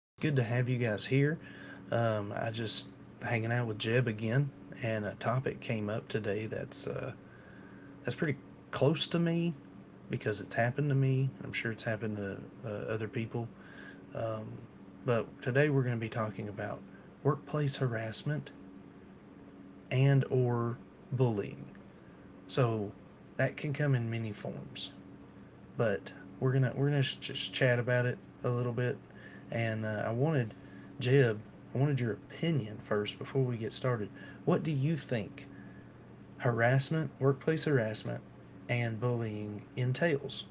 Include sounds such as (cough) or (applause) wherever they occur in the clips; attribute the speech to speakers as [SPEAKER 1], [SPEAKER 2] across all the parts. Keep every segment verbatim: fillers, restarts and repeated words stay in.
[SPEAKER 1] It's good to have you guys here. Um, I just hanging out with Jeb again, and a topic came up today that's uh, that's pretty close to me because it's happened to me. I'm sure it's happened to uh, other people. But today we're going to be talking about workplace harassment and or bullying. So that can come in many forms. but we're gonna we're gonna sh- just chat about it a little bit. And uh, I wanted Jeb, I wanted your opinion first before we get started. What do you think harassment, workplace harassment, and bullying entails?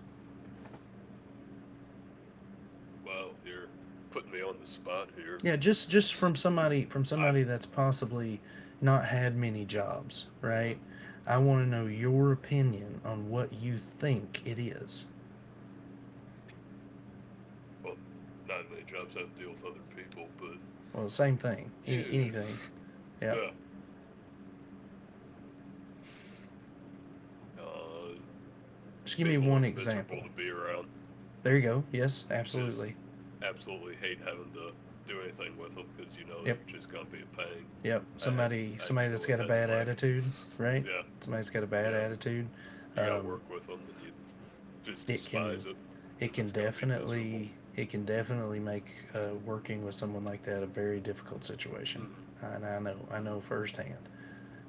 [SPEAKER 2] Wow, you're putting me on the spot here.
[SPEAKER 1] Yeah, just
[SPEAKER 2] I
[SPEAKER 1] just from somebody from somebody that's possibly not had many
[SPEAKER 2] Hmm.
[SPEAKER 1] jobs, right? I want to know your opinion on what you think it is.
[SPEAKER 2] Well, not many jobs I have to deal with other people, but
[SPEAKER 1] Well, same thing. Any
[SPEAKER 2] yes,
[SPEAKER 1] anything.
[SPEAKER 2] yeah,
[SPEAKER 1] Yeah.
[SPEAKER 2] well, uh,
[SPEAKER 1] Just give
[SPEAKER 2] people
[SPEAKER 1] me
[SPEAKER 2] are
[SPEAKER 1] one
[SPEAKER 2] miserable to
[SPEAKER 1] example.
[SPEAKER 2] be around.
[SPEAKER 1] There you go. Yes,
[SPEAKER 2] Just
[SPEAKER 1] absolutely.
[SPEAKER 2] absolutely hate having to do anything with them because you know they're
[SPEAKER 1] Yep.
[SPEAKER 2] just gonna be a pain.
[SPEAKER 1] Yep.
[SPEAKER 2] I have,
[SPEAKER 1] Somebody
[SPEAKER 2] I do know
[SPEAKER 1] somebody
[SPEAKER 2] what
[SPEAKER 1] that's got a
[SPEAKER 2] that's
[SPEAKER 1] bad
[SPEAKER 2] like.
[SPEAKER 1] attitude,
[SPEAKER 2] (laughs)
[SPEAKER 1] right?
[SPEAKER 2] Yeah,
[SPEAKER 1] Somebody's got a bad
[SPEAKER 2] yeah,
[SPEAKER 1] attitude.
[SPEAKER 2] you gotta
[SPEAKER 1] Um,
[SPEAKER 2] work with them, and you just
[SPEAKER 1] it can
[SPEAKER 2] despise it
[SPEAKER 1] it
[SPEAKER 2] because
[SPEAKER 1] can
[SPEAKER 2] it's gonna be miserable.
[SPEAKER 1] definitely it can definitely make uh, working with someone like that a very difficult situation.
[SPEAKER 2] Hmm.
[SPEAKER 1] And I know I know firsthand.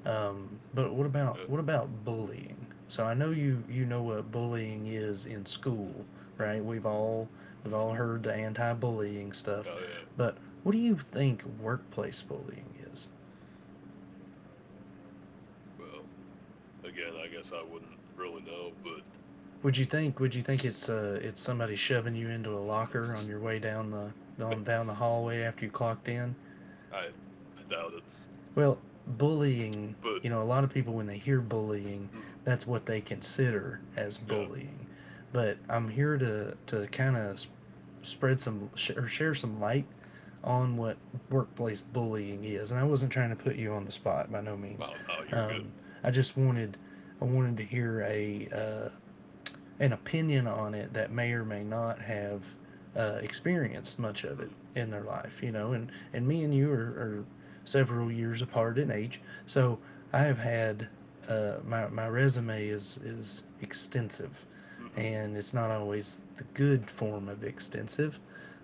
[SPEAKER 1] Um, but what about
[SPEAKER 2] Yeah.
[SPEAKER 1] what about bullying? So I know you you know what bullying is in school,
[SPEAKER 2] Hmm.
[SPEAKER 1] right? We've all we've all heard the anti-bullying stuff,
[SPEAKER 2] Oh yeah.
[SPEAKER 1] but what do you think workplace bullying is?
[SPEAKER 2] Well. Again, I guess I wouldn't really know, but
[SPEAKER 1] Would you think? Would you think it's
[SPEAKER 2] s
[SPEAKER 1] uh it's somebody shoving you into a locker on your way down the
[SPEAKER 2] (laughs) I
[SPEAKER 1] down down the hallway after you clocked in?
[SPEAKER 2] I doubt it.
[SPEAKER 1] Well, bullying.
[SPEAKER 2] But,
[SPEAKER 1] You know, a lot of people when they hear bullying,
[SPEAKER 2] mm,
[SPEAKER 1] that's what they consider as
[SPEAKER 2] yeah.
[SPEAKER 1] bullying. But I'm here to to kind of sp- spread some sh- or share some light on what workplace bullying is. And I wasn't trying to put you on the spot by no means.
[SPEAKER 2] Wow, oh, you're good.
[SPEAKER 1] Um, I just wanted I wanted to hear a uh, an opinion on it that may or may not have uh, experienced much of it
[SPEAKER 2] Mm,
[SPEAKER 1] in their life, you know. And, and me and you are, are several years apart in age, so I have had uh, my, my resume is, is extensive,
[SPEAKER 2] mhm,
[SPEAKER 1] and it's not always the good form of extensive.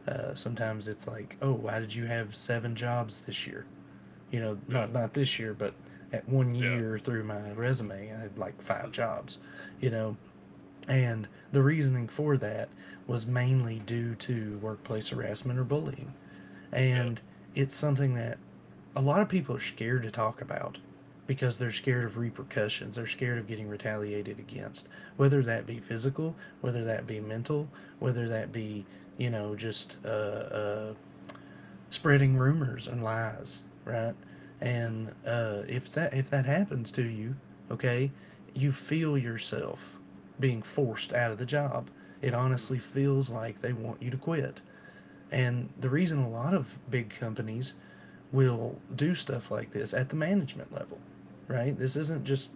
[SPEAKER 1] Uh, sometimes it's like, oh, why did you have seven jobs this year? You know, not
[SPEAKER 2] yeah,
[SPEAKER 1] not this year, but at one
[SPEAKER 2] yeah,
[SPEAKER 1] year through my resume, I had like five
[SPEAKER 2] mhm,
[SPEAKER 1] jobs. You know, and the reasoning for that was mainly due to workplace harassment or bullying.
[SPEAKER 2] yeah,
[SPEAKER 1] And it's something that a lot of people are scared to talk about because they're scared of repercussions. They're scared of getting retaliated against, whether that be physical, whether that be mental, whether that be, you know, just uh, uh, spreading rumors and lies, right?
[SPEAKER 2] mm,
[SPEAKER 1] And uh, if that if that happens to you, okay, you feel yourself being forced out of the job. It honestly
[SPEAKER 2] mm,
[SPEAKER 1] feels like they want you to quit. And the reason a lot of big companies will do stuff like this at the management level, right? This isn't just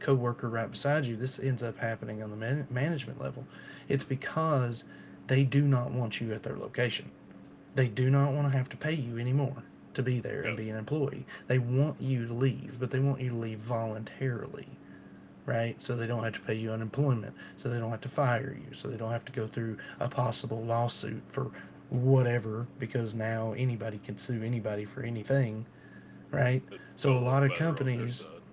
[SPEAKER 1] coworker right beside you. This ends up happening on the man- management level. It's
[SPEAKER 2] mm,
[SPEAKER 1] because they do not want you at their location. They do not want to have to pay you anymore to be there and
[SPEAKER 2] yeah,
[SPEAKER 1] be an employee. They want you to leave, but they want you to leave voluntarily, right? So they don't have to pay
[SPEAKER 2] mhm.
[SPEAKER 1] you unemployment, so they don't have to fire you, so they don't have to go through a possible lawsuit for whatever because now anybody can sue anybody for anything, right?
[SPEAKER 2] It
[SPEAKER 1] So a
[SPEAKER 2] it'll
[SPEAKER 1] lot
[SPEAKER 2] look
[SPEAKER 1] of
[SPEAKER 2] better on their
[SPEAKER 1] companies,
[SPEAKER 2] side.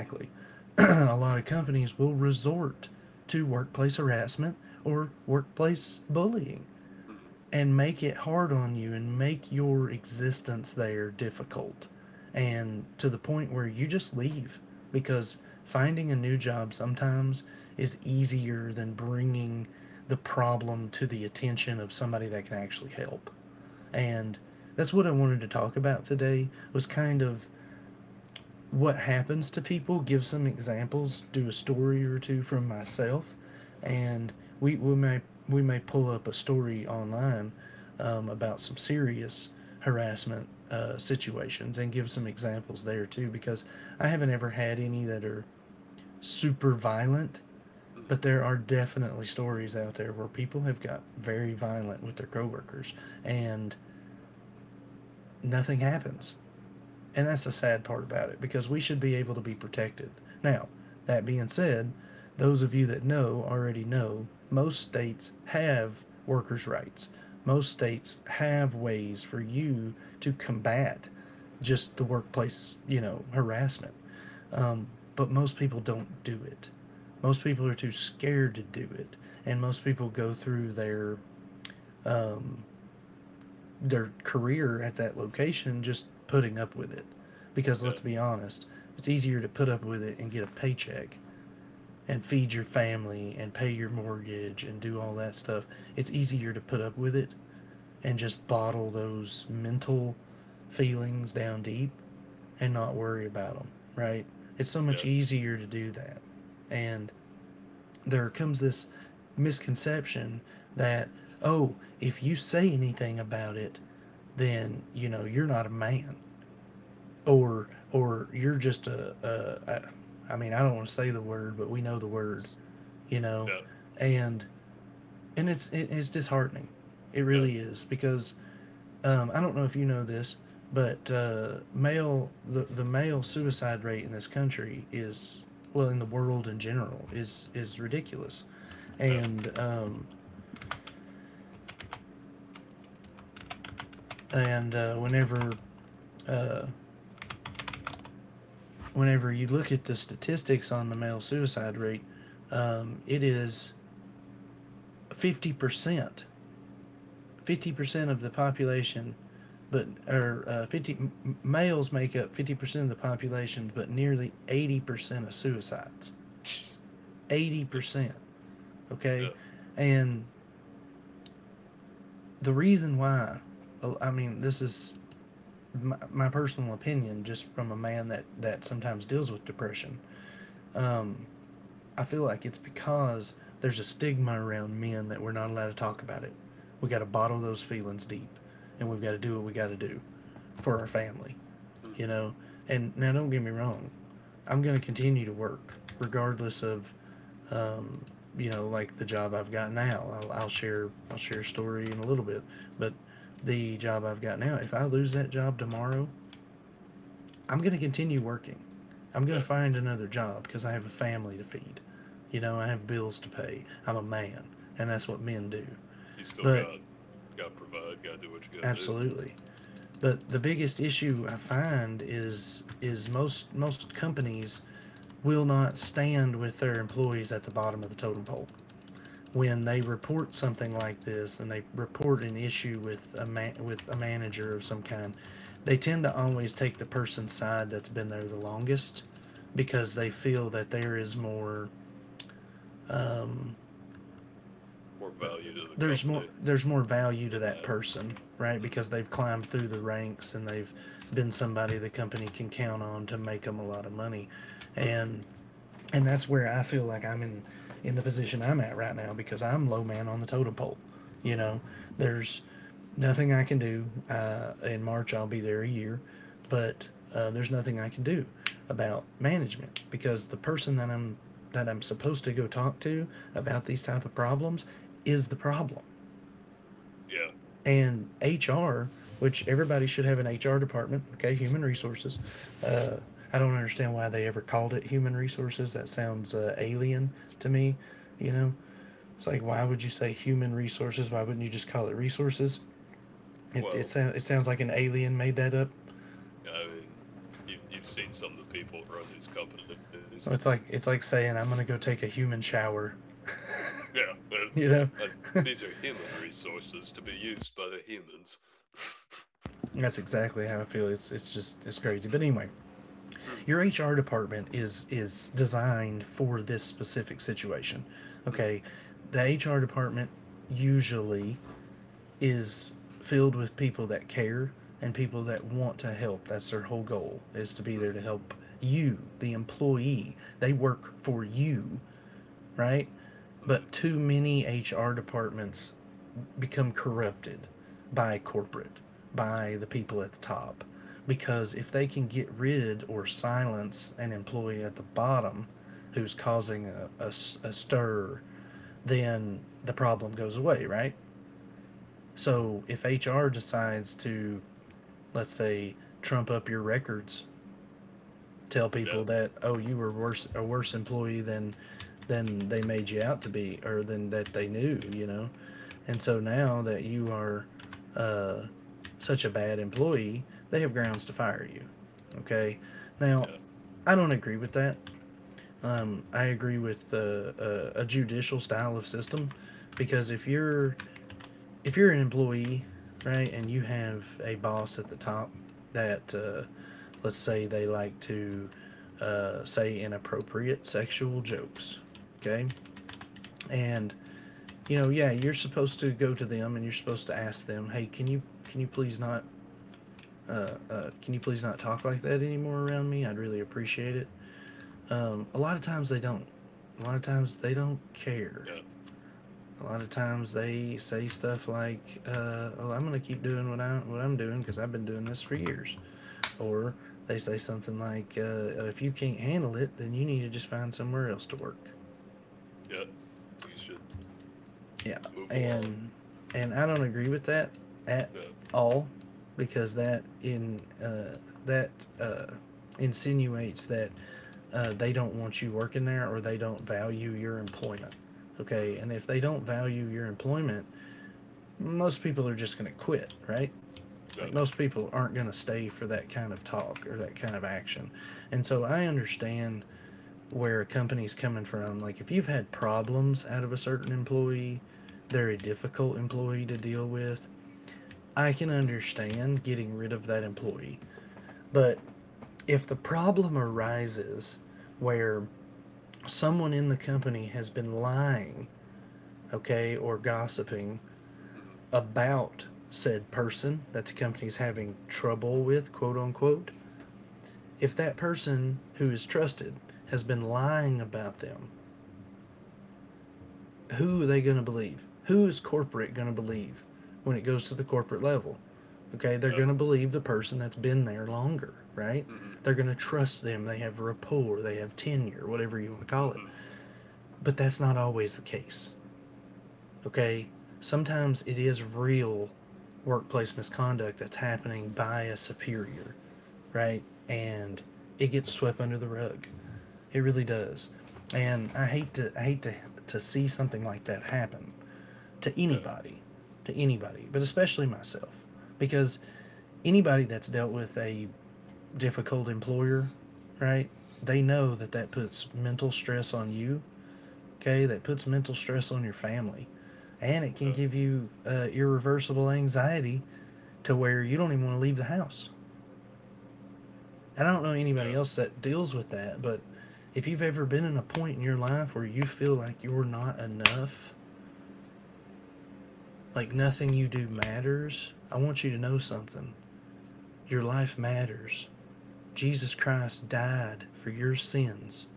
[SPEAKER 2] Mm,
[SPEAKER 1] (clears throat) a lot of companies will resort to workplace harassment or workplace bullying
[SPEAKER 2] mm,
[SPEAKER 1] and make it hard on you and make your existence there difficult and to the point where you just leave because finding a new job sometimes is easier than bringing the problem to the attention of somebody that can actually help and that's what I wanted to talk about today was kind of what happens to people, give some examples, do a story or two from myself,
[SPEAKER 2] mm,
[SPEAKER 1] and we, we may we may pull up a story online um, about some serious harassment uh, situations and give some examples there too because I haven't ever had any that are super violent,
[SPEAKER 2] mm,
[SPEAKER 1] but there are definitely stories out there where people have got very violent with their coworkers and nothing happens. And that's the sad part about it because we should be able to be protected. Now, that being said, those of you that know already know most states have workers' rights. Most states have ways for you to combat just the workplace, you know, harassment. But most people don't do it. Most people are too scared to do it. And most people go through their their career at that location just putting up with it. Because
[SPEAKER 2] yeah,
[SPEAKER 1] let's be honest, it's easier to put up with it and get a paycheck and feed your family and pay your
[SPEAKER 2] mhm,
[SPEAKER 1] mortgage and do all that stuff. It's easier to put up with it and just bottle those mental feelings down deep and not worry about them, right? It's so
[SPEAKER 2] yeah,
[SPEAKER 1] much easier to do that. And there comes this misconception that, oh, if you say anything about it, then, you know, you're not a man. Or, or you're just a, a I, I mean, I don't want to say the word, but we know the word,
[SPEAKER 2] s-
[SPEAKER 1] you know,
[SPEAKER 2] yeah,
[SPEAKER 1] and, and it's, it, it's disheartening. It
[SPEAKER 2] yeah,
[SPEAKER 1] really is because um, I don't know if you know this, but uh, male the, the male suicide rate in this country is well in the world in general is is ridiculous,
[SPEAKER 2] yeah.
[SPEAKER 1] and um, and uh, whenever uh, whenever you look at the statistics on the male suicide rate, um, it is fifty percent fifty percent of the population. But or uh, fifty males make up fifty percent of the population, but nearly eighty percent of suicides.
[SPEAKER 2] (laughs) (sniffs)
[SPEAKER 1] eighty percent.
[SPEAKER 2] That's,
[SPEAKER 1] Okay.
[SPEAKER 2] yeah,
[SPEAKER 1] And the reason why, uh, I mean, this is my, my personal opinion just from a man that, that sometimes deals with depression. Um, I feel like it's because there's a stigma around men that we're not allowed to talk about it. We got to bottle those feelings deep and we've got to do what we got to do for our family,
[SPEAKER 2] mm,
[SPEAKER 1] you know? And now don't get me wrong. I'm going to continue to work regardless of um, you know, like the job I've got now. I'll, I'll share I'll share a story in a little bit, but the job I've got now, if I lose that job tomorrow, I'm going to continue working. I'm going
[SPEAKER 2] yeah.
[SPEAKER 1] to find another job because I have a family to feed. You know, I have bills to pay. I'm a man, and that's
[SPEAKER 2] You
[SPEAKER 1] what men do.
[SPEAKER 2] you still
[SPEAKER 1] But
[SPEAKER 2] got gotta provide, gotta do what you gotta do.
[SPEAKER 1] absolutely. But the biggest issue I find is is most most companies will not stand with their employees at the bottom of the totem pole. When they report something like this and they report an issue with a man with a manager of some kind, they tend to always take the person's side that's been there the longest because they feel that there is more
[SPEAKER 2] More value to the
[SPEAKER 1] there's more
[SPEAKER 2] company.
[SPEAKER 1] there's more value to
[SPEAKER 2] In
[SPEAKER 1] that
[SPEAKER 2] that.
[SPEAKER 1] person, right? Because
[SPEAKER 2] Mhm,
[SPEAKER 1] they've climbed through the ranks and they've been somebody the company can count on to make them a lot of money.
[SPEAKER 2] mhm,
[SPEAKER 1] And and that's where I feel like I'm in in the position I'm at right now because I'm low man on the totem pole. You
[SPEAKER 2] mhm.
[SPEAKER 1] know, there's nothing I can do. Uh, in March I'll be there a year, but uh, there's nothing I can do about management because the person that I'm that I'm supposed to go talk to about these type of problems is the problem
[SPEAKER 2] Yeah,
[SPEAKER 1] and H R,
[SPEAKER 2] that's,
[SPEAKER 1] which everybody should have an H R department, okay, human resources. Uh, I don't understand why they ever called it human resources. That sounds uh, alien to me, you know? It's like, why would you say human resources? Why wouldn't you just call it resources? It, it,
[SPEAKER 2] well,
[SPEAKER 1] sound, it sounds like an alien made that up.
[SPEAKER 2] I mean, you've you've seen some of the people that run these companies.
[SPEAKER 1] It's like it's like saying I'm gonna go take a human shower,
[SPEAKER 2] Yeah, that's
[SPEAKER 1] (laughs) you know.
[SPEAKER 2] that these are human resources to be used by the humans. (laughs)
[SPEAKER 1] That's exactly how I feel. It's it's just it's crazy. But anyway,
[SPEAKER 2] Mm,
[SPEAKER 1] your H R department is is designed for this specific situation.
[SPEAKER 2] mm,
[SPEAKER 1] Okay, the H R department usually is filled with people that care and people that want to help. That's their whole goal is to be there
[SPEAKER 2] mm,
[SPEAKER 1] to help you, the employee. They work for you, right?
[SPEAKER 2] mm.
[SPEAKER 1] But too many H R departments become corrupted by corporate, by the people at the top. Because if they can get rid or silence an employee at the bottom who's causing a a a stir, then the problem goes away, right? So if H R decides to, let's say, trump up your records, tell
[SPEAKER 2] Yeah,
[SPEAKER 1] people that, oh, you were worse a worse employee than than they made you out to be or than that they knew, you know. And so now that you are uh, such a bad employee, they have grounds to fire you. Okay, now,
[SPEAKER 2] yeah,
[SPEAKER 1] I don't agree with that. I agree with uh, a, a judicial style of system. Because if you're if you're an employee, right, and you have a boss at the top that, uh, let's say they like to uh, say inappropriate sexual jokes, okay, and you know, yeah, you're supposed to go to them and you're supposed to ask them, hey, can you can you please not uh, uh, can you please not talk like that anymore around me? I'd really appreciate it. Um, a lot of times they don't. A lot of times they don't care.
[SPEAKER 2] yeah,
[SPEAKER 1] A lot of times they say stuff like, uh, well, "I'm gonna keep doing what I what I'm doing because I've been doing this for years," or they say something like, uh, "If you can't handle it, then you need to just find somewhere else to work."
[SPEAKER 2] yeah. You should
[SPEAKER 1] Yeah,
[SPEAKER 2] move along.
[SPEAKER 1] and and I don't agree with that at
[SPEAKER 2] Yeah.
[SPEAKER 1] all, because that in uh, that uh, insinuates that uh, they don't want you working there or they don't value your employment. Okay,
[SPEAKER 2] Mhm,
[SPEAKER 1] and if they don't value your employment, most people are just going to quit, right?
[SPEAKER 2] yeah.
[SPEAKER 1] Like most people aren't going to stay for that kind of talk or that kind of action. And so I understand where a company's coming from. Like if you've had problems out of a certain employee, they're a difficult employee to deal with, I can
[SPEAKER 2] Mhm,
[SPEAKER 1] understand getting rid of that employee. But if the problem arises where someone in the company has been lying, okay, or gossiping
[SPEAKER 2] mhm,
[SPEAKER 1] about said person that the company is having trouble with, quote unquote, if that person who is trusted has been lying about them, who are they going to believe? Who is corporate going to believe when it goes to the corporate level? Okay, they're
[SPEAKER 2] yeah.
[SPEAKER 1] going to believe the person that's been there longer, right?
[SPEAKER 2] Mhm,
[SPEAKER 1] They're going to trust them. They have rapport, they have tenure, whatever you want to call it.
[SPEAKER 2] mhm,
[SPEAKER 1] But that's not always the case. Okay? Sometimes it is real workplace misconduct that's happening by a superior, right? And it gets swept under the rug. It really does.
[SPEAKER 2] mhm,
[SPEAKER 1] And I hate to I hate to to see something like that happen to
[SPEAKER 2] yeah,
[SPEAKER 1] anybody, to anybody, but especially myself, because anybody that's dealt with a difficult employer, right? They know that that puts mental stress on you, okay, that puts mental stress on your family. And it can
[SPEAKER 2] yeah,
[SPEAKER 1] give you uh, irreversible anxiety to where you don't even want to leave the house. And I don't know anybody
[SPEAKER 2] yeah,
[SPEAKER 1] else
[SPEAKER 2] uh,
[SPEAKER 1] that deals with that, but if you've ever been in a point in your life where you feel like you're not enough, like nothing you do
[SPEAKER 2] uh,
[SPEAKER 1] matters, I want you to know something. Your life matters. Jesus Christ died for your sins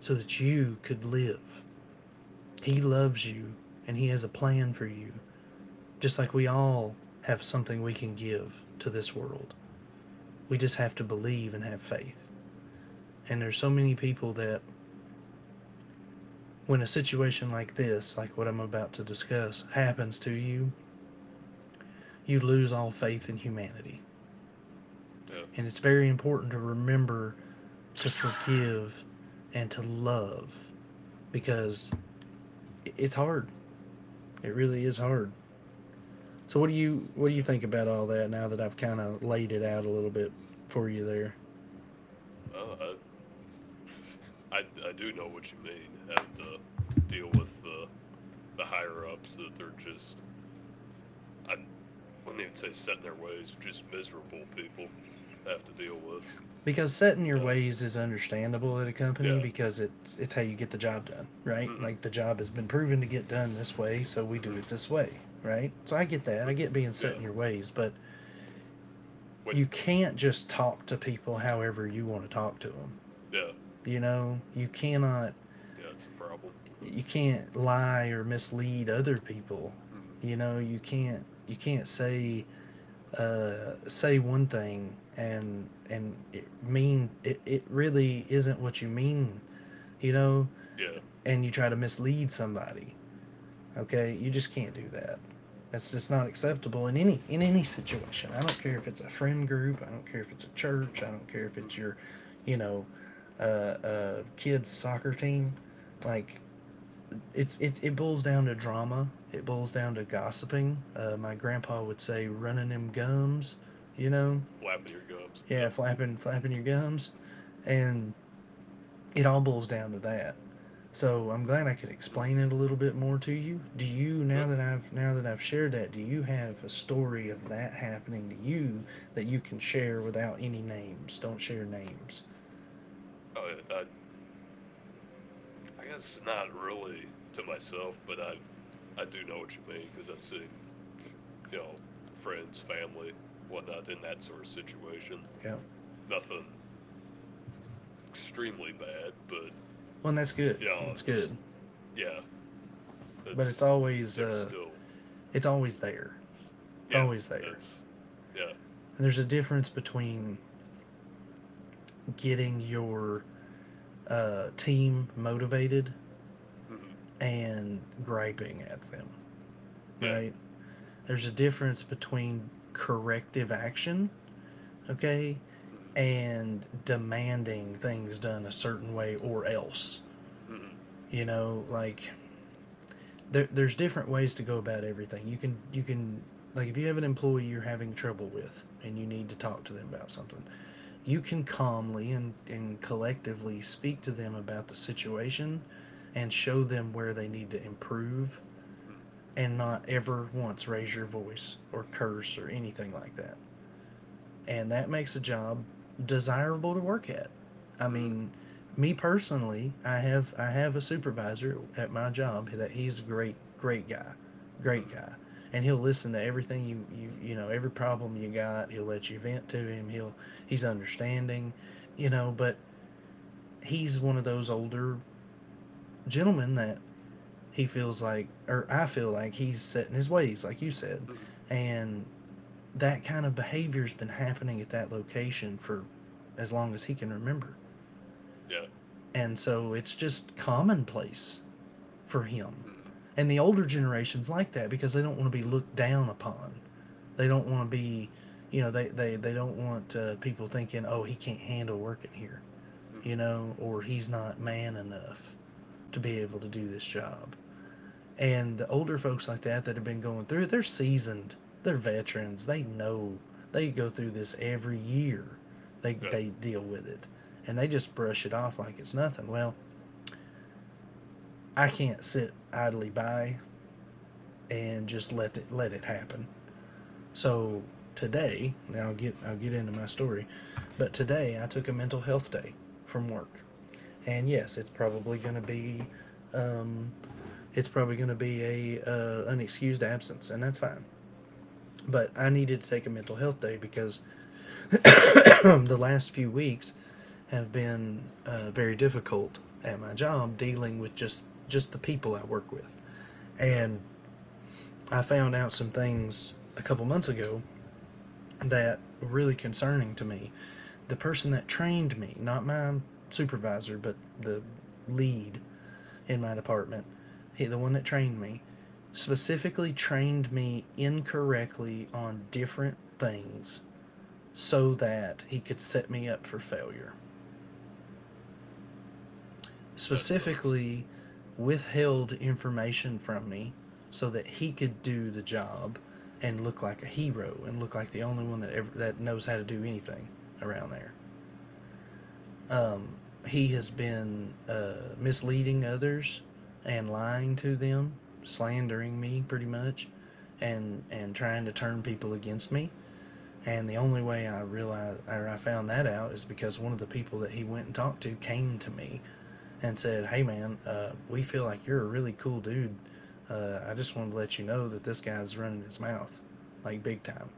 [SPEAKER 1] so that you could live. He loves you and He has a plan for you. Just like we all have something we can give to this world. We just have to believe and have faith. And there's so many people that, when a situation like this, like what I'm about to discuss, happens to you, you lose all faith in humanity.
[SPEAKER 2] yeah,
[SPEAKER 1] And it's very important to remember to forgive and to love, because it's hard. It really is hard. So what do you what do
[SPEAKER 2] yeah.
[SPEAKER 1] you think about all that now that I've kind of laid it out a little bit for you there?
[SPEAKER 2] Well, I I do know what you mean, having to deal with the the higher ups that they're just, I wouldn't even say set in their ways, just miserable people to have to deal with.
[SPEAKER 1] Because setting your
[SPEAKER 2] Uh,
[SPEAKER 1] ways is understandable at a company,
[SPEAKER 2] yeah,
[SPEAKER 1] because it's it's how you get the job done, right?
[SPEAKER 2] mhm,
[SPEAKER 1] Like the job has been proven to get done this way, so we do it
[SPEAKER 2] mhm,
[SPEAKER 1] this way, right? So I get that. I
[SPEAKER 2] but
[SPEAKER 1] get being set
[SPEAKER 2] yeah,
[SPEAKER 1] in your ways, but you
[SPEAKER 2] when,
[SPEAKER 1] can't just talk to people however you want to talk to them.
[SPEAKER 2] yeah,
[SPEAKER 1] You know, you cannot
[SPEAKER 2] yeah, it's a problem.
[SPEAKER 1] you
[SPEAKER 2] It's,
[SPEAKER 1] can't lie or mislead other people.
[SPEAKER 2] mhm,
[SPEAKER 1] You know, you can't you can't say uh, say one thing and and it mean it, it really isn't what you mean, you know,
[SPEAKER 2] yeah,
[SPEAKER 1] and you try to mislead somebody. Okay, you just can't do
[SPEAKER 2] mhm,
[SPEAKER 1] that. That's just not acceptable in any in any situation. I don't care if it's a friend group. I don't care if it's a church. I don't care if it's
[SPEAKER 2] mhm,
[SPEAKER 1] your, you know, uh, uh, kids soccer team. Like it's it's it boils down to drama. It boils down to gossiping. Uh, my grandpa would say running them gums. You know,
[SPEAKER 2] flapping your gums, yeah,
[SPEAKER 1] yeah, flapping flapping your gums, and it all boils down to that. So I'm glad I could
[SPEAKER 2] mhm,
[SPEAKER 1] explain it a little bit more to you. Do you, now
[SPEAKER 2] yeah.
[SPEAKER 1] that I've now that I've shared that, do you have a story of that happening to you that you can share without any names? Don't share names.
[SPEAKER 2] I, I I guess not really to myself, but I I do know what you mean because I've seen, you know, friends, family, whatnot in that sort of situation.
[SPEAKER 1] Yeah.
[SPEAKER 2] Nothing extremely bad, but
[SPEAKER 1] Well, and that's good.
[SPEAKER 2] yeah,
[SPEAKER 1] It's good.
[SPEAKER 2] it's, yeah,
[SPEAKER 1] But it's
[SPEAKER 2] it's,
[SPEAKER 1] always
[SPEAKER 2] there's
[SPEAKER 1] uh
[SPEAKER 2] still,
[SPEAKER 1] it's always there.
[SPEAKER 2] yeah,
[SPEAKER 1] It's always there.
[SPEAKER 2] that's, yeah,
[SPEAKER 1] And there's a difference between getting your uh, team motivated
[SPEAKER 2] hmm,
[SPEAKER 1] and griping at them,
[SPEAKER 2] yeah,
[SPEAKER 1] right? There's a difference between corrective action, okay,
[SPEAKER 2] hmm,
[SPEAKER 1] and demanding things done a certain way or else.
[SPEAKER 2] hmm,
[SPEAKER 1] You know, like there, there's different ways to go about everything. You can you can, like, if you have an employee you're having trouble with and you need to talk to them about something, you can calmly and, and collectively speak to them about the situation and show them where they need to improve
[SPEAKER 2] hmm,
[SPEAKER 1] and not ever once raise your voice or curse or anything like that. And that makes a job desirable to work at. I
[SPEAKER 2] hmm,
[SPEAKER 1] mean, me personally, I have I have a supervisor at my job that he's a great great guy, great
[SPEAKER 2] hmm,
[SPEAKER 1] guy, and he'll listen to everything you you you know every problem you got. He'll let you vent to him. He'll he's understanding, you know. But he's one of those older gentlemen that he feels like, or I feel like, he's set in his ways, like you said,
[SPEAKER 2] hmm,
[SPEAKER 1] and that kind of behavior's been happening at that location for as long as he can remember.
[SPEAKER 2] yeah,
[SPEAKER 1] And so it's just commonplace for him.
[SPEAKER 2] hmm,
[SPEAKER 1] And the older generations like that, because they don't want to
[SPEAKER 2] hmm,
[SPEAKER 1] be looked down upon. They don't want to be, you know, they, they, they don't want uh, people thinking, oh, he can't handle working here,
[SPEAKER 2] hmm,
[SPEAKER 1] you know, or he's not man enough to be able to do this job. And the older folks like that, that have been going through, they're seasoned. They're veterans. They know. They go through this every year. They
[SPEAKER 2] yeah,
[SPEAKER 1] they deal with it. And they just brush it off like it's nothing. Well, I can't sit idly by and just let it let it happen. So
[SPEAKER 2] hmm,
[SPEAKER 1] today, now I'll get I'll get into my story, but today I took a mental health day from work. And yes, it's
[SPEAKER 2] hmm,
[SPEAKER 1] probably going to be um, it's probably going to be a uh, an excused absence, and that's fine. But I needed to take a mental health day because (clears throat) the last few weeks have been uh, very difficult at my job, dealing with just just the people I work with.
[SPEAKER 2] yeah,
[SPEAKER 1] And I found out some things a couple months ago that were really concerning to me. The person that trained me, not my supervisor, but the lead in my department, he, the one that trained me, specifically trained me incorrectly on different things so that he could set me up for failure.
[SPEAKER 2] that sucks.
[SPEAKER 1] Specifically,
[SPEAKER 2] Uh,
[SPEAKER 1] withheld information from me so that he could do the job and look like a hero and look like the only one that ever that knows how to do anything around there. Um, he has been uh, misleading others and lying to them, slandering me pretty much, and and trying to turn people against me. And the only way I realized, or I found that out, is because one of the people that he went and talked to came to me and said, "Hey man, uh, we feel like you're a really cool dude. Uh, I just wanted to let you know that this guy's running his mouth, like big time."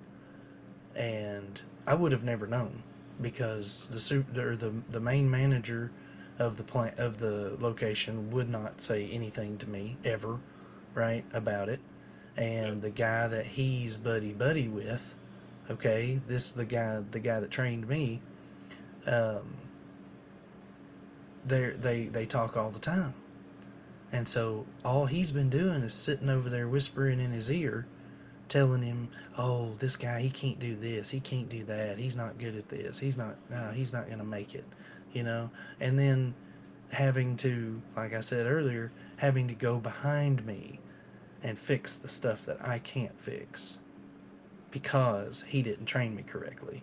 [SPEAKER 1] And I would have never known because the
[SPEAKER 2] hmm,
[SPEAKER 1] suit or the the main manager of the plant of the location would not say anything to me ever, right, about it,
[SPEAKER 2] yeah,
[SPEAKER 1] and the guy that he's buddy buddy with. Okay, this is the guy, the guy that trained me. um, they they they talk all the time, and so all he's been doing is sitting over there whispering in his ear, telling him, oh, this guy, he can't do this, he can't do that, he's not good at this, he's not, no,
[SPEAKER 2] hmm,
[SPEAKER 1] he's not going to make it, you know. And then having to, like I said earlier, having to go behind me and fix the stuff that I can't fix because he didn't train me correctly.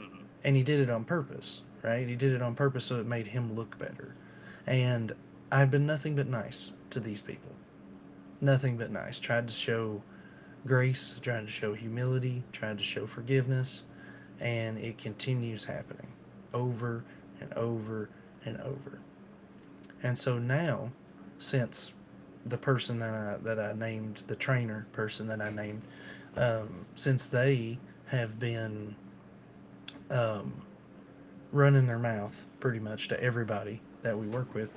[SPEAKER 2] hmm,
[SPEAKER 1] And he did it on purpose, right? He did it on purpose so it made him look better. And I've been nothing but nice to these people. Nothing but nice. Tried to show grace, tried to show humility, tried to show forgiveness, and it continues happening over and over and over. And so now, since the person that I that I named, the trainer person that I named, um, since they have been, um, running their mouth pretty much to everybody that we work with.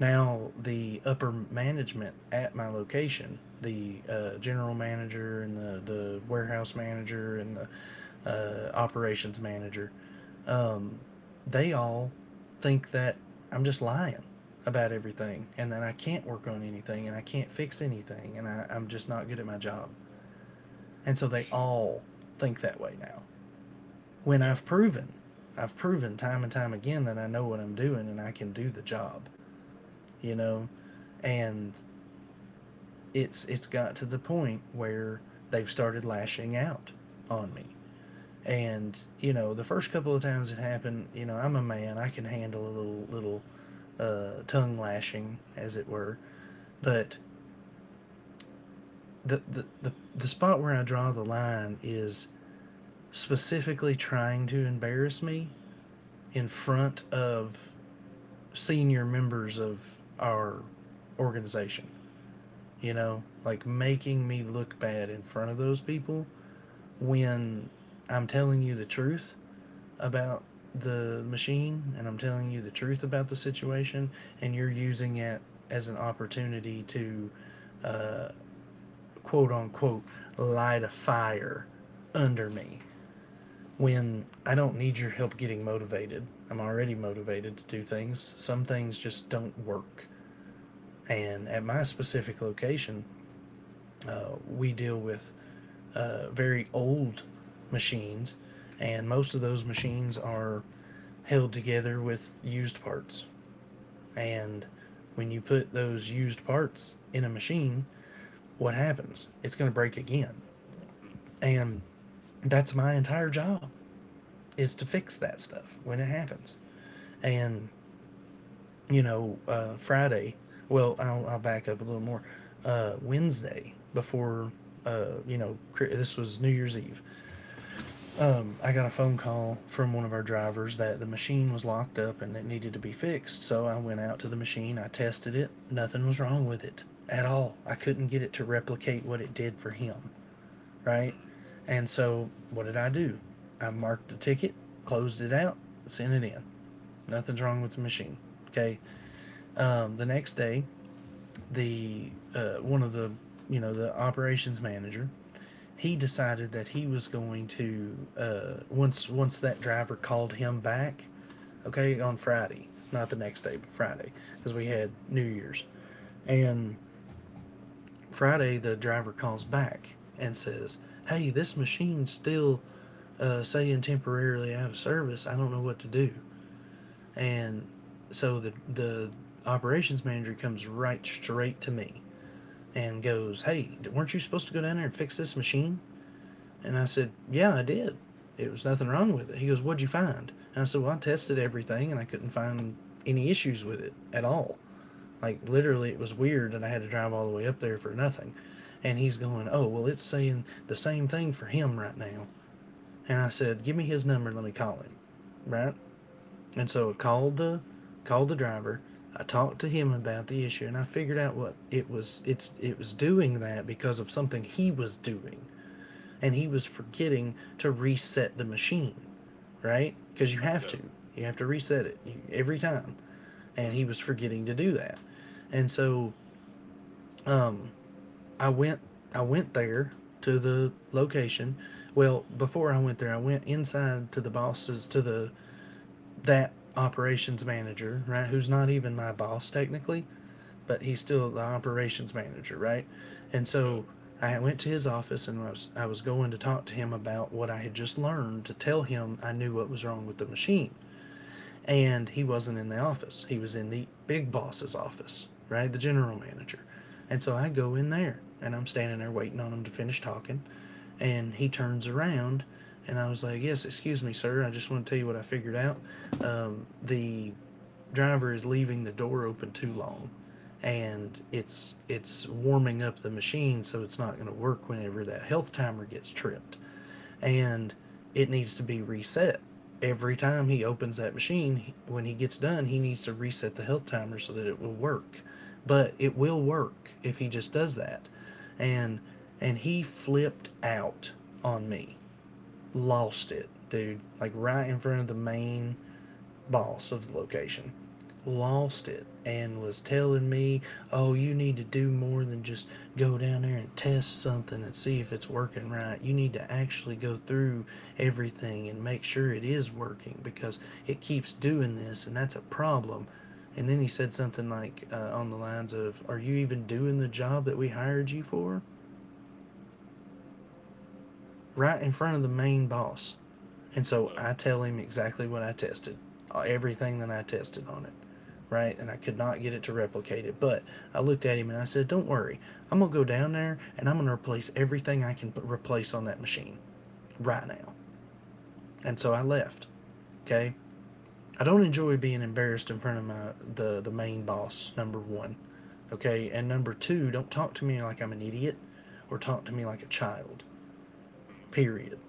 [SPEAKER 1] Now, the upper management at my location, the uh, general manager and the, the warehouse manager and the uh, operations manager, um, they all think that I'm just lying about everything, and that I can't work on anything, and I can't fix anything, and I, I'm just not good at my job. And so they all think that way now, when
[SPEAKER 2] yeah,
[SPEAKER 1] I've proven, I've proven time and time again that I know what I'm doing and I can do the job, you know. And it's it's got to the point where they've started lashing out on me. And you know, the first couple of times it happened, you know, I'm a man, I can handle a little little uh, tongue lashing, as it were. But the, the the the spot where I draw the line is specifically trying to embarrass me in front of senior members of our organization. You know, like
[SPEAKER 2] hmm,
[SPEAKER 1] making me look bad in front of those people, when I'm telling you the truth about the machine and I'm telling you the truth about the situation, and you're using it as an opportunity to, quote unquote, light a fire under me when I don't need your help getting motivated. I'm already motivated to do things. Some things just don't work. And
[SPEAKER 2] hmm,
[SPEAKER 1] at my specific location, uh, we deal with uh, very old machines, and most of those machines are held together with used parts. And when you put those used parts in a machine, what happens? It's going to break again.
[SPEAKER 2] hmm,
[SPEAKER 1] And that's my entire job, is to fix that stuff when it happens. And you know, uh, Friday. Well, I'll, I'll back up a little more. Uh, Wednesday before, uh, you know, this was New Year's Eve. I got a phone call from one of our drivers that the machine was locked up and it needed to be fixed. So I went out to the machine. I tested it. Nothing was wrong with it at all. I couldn't get it to replicate what it did for him, right?
[SPEAKER 2] hmm,
[SPEAKER 1] And so what did I do? I marked the ticket, closed it out, sent it in. Nothing's wrong with the machine. Okay. Um, the next day, the uh, one of the, you know, the operations manager, he decided that he was going to, uh, once once that driver called him back, okay, on Friday, not the next day but Friday, because we had New Year's. And Friday the driver calls back and says, hey, this machine's still, uh, saying temporarily out of service, I don't know what to do. And so the the operations manager comes right straight to me and goes, hey, weren't you supposed to go down there and fix this machine? And I said, yeah, I did. It was nothing wrong with it. He goes, what'd you find? And I said, well, I tested everything and I couldn't find any issues with it at all. Like, literally, it was weird and I had to drive all the way up there for nothing. And he's going, oh, well, it's saying the same thing for him right now. And I said, give me his number, let me call him. Right? And so I
[SPEAKER 2] hmm,
[SPEAKER 1] called the called the driver. I talked to him about the issue, and I figured out what it was. It's it was doing that because of something he was doing, and he was forgetting to reset the machine, right? Because you have to,
[SPEAKER 2] yeah,
[SPEAKER 1] you have to reset it e, every time, and he
[SPEAKER 2] hmm,
[SPEAKER 1] was forgetting to do that. And so I went, I went there to the location. Well, before I went there, I went inside to the boss's to the, that operations manager, right, who's not even my boss technically, but he's still the operations manager, right? And
[SPEAKER 2] yeah,
[SPEAKER 1] so I went to his office and I was, I was going to talk to him about what I had just learned, to tell him I knew what was wrong with the machine. And he wasn't in the office. He was in the big boss's office, right? The general manager. And so I go in there and I'm standing there waiting on him to finish talking. And he turns around and I was like, yes, excuse me, sir. I just want to tell you what I figured out. Um, the driver is leaving the door open too long, and it's it's warming up the machine, so it's not going to work whenever that health timer gets tripped and it needs to be reset. Every time he opens that machine, when he gets done, he needs to reset the health timer so that it will work. But it will work if he just does that.
[SPEAKER 2] hmm,
[SPEAKER 1] And and he flipped out on me. Lost it, dude. Like right in front of the main boss of the location, lost it, and was telling me, oh, you need to do more than just go down there and test something and see if it's working right. You need to actually go through everything and make sure it is working, because it keeps doing this and that's a problem. And then he said something like, uh, on the lines of, are you even doing the job that we hired you for? Right in front of the main boss. And so
[SPEAKER 2] yeah.
[SPEAKER 1] I tell him exactly what I tested, uh, everything that I tested on it, right? And I could not get it to replicate it. But I looked at him and I said, don't worry. I'm going to go down there and I'm going to replace everything I can replace on that machine right now. And so I left, okay? I don't enjoy being embarrassed in front of my, the, the main boss, number one, okay? And number two, don't talk to me like I'm an idiot, or talk to me like a child,
[SPEAKER 2] Mhm,
[SPEAKER 1] period.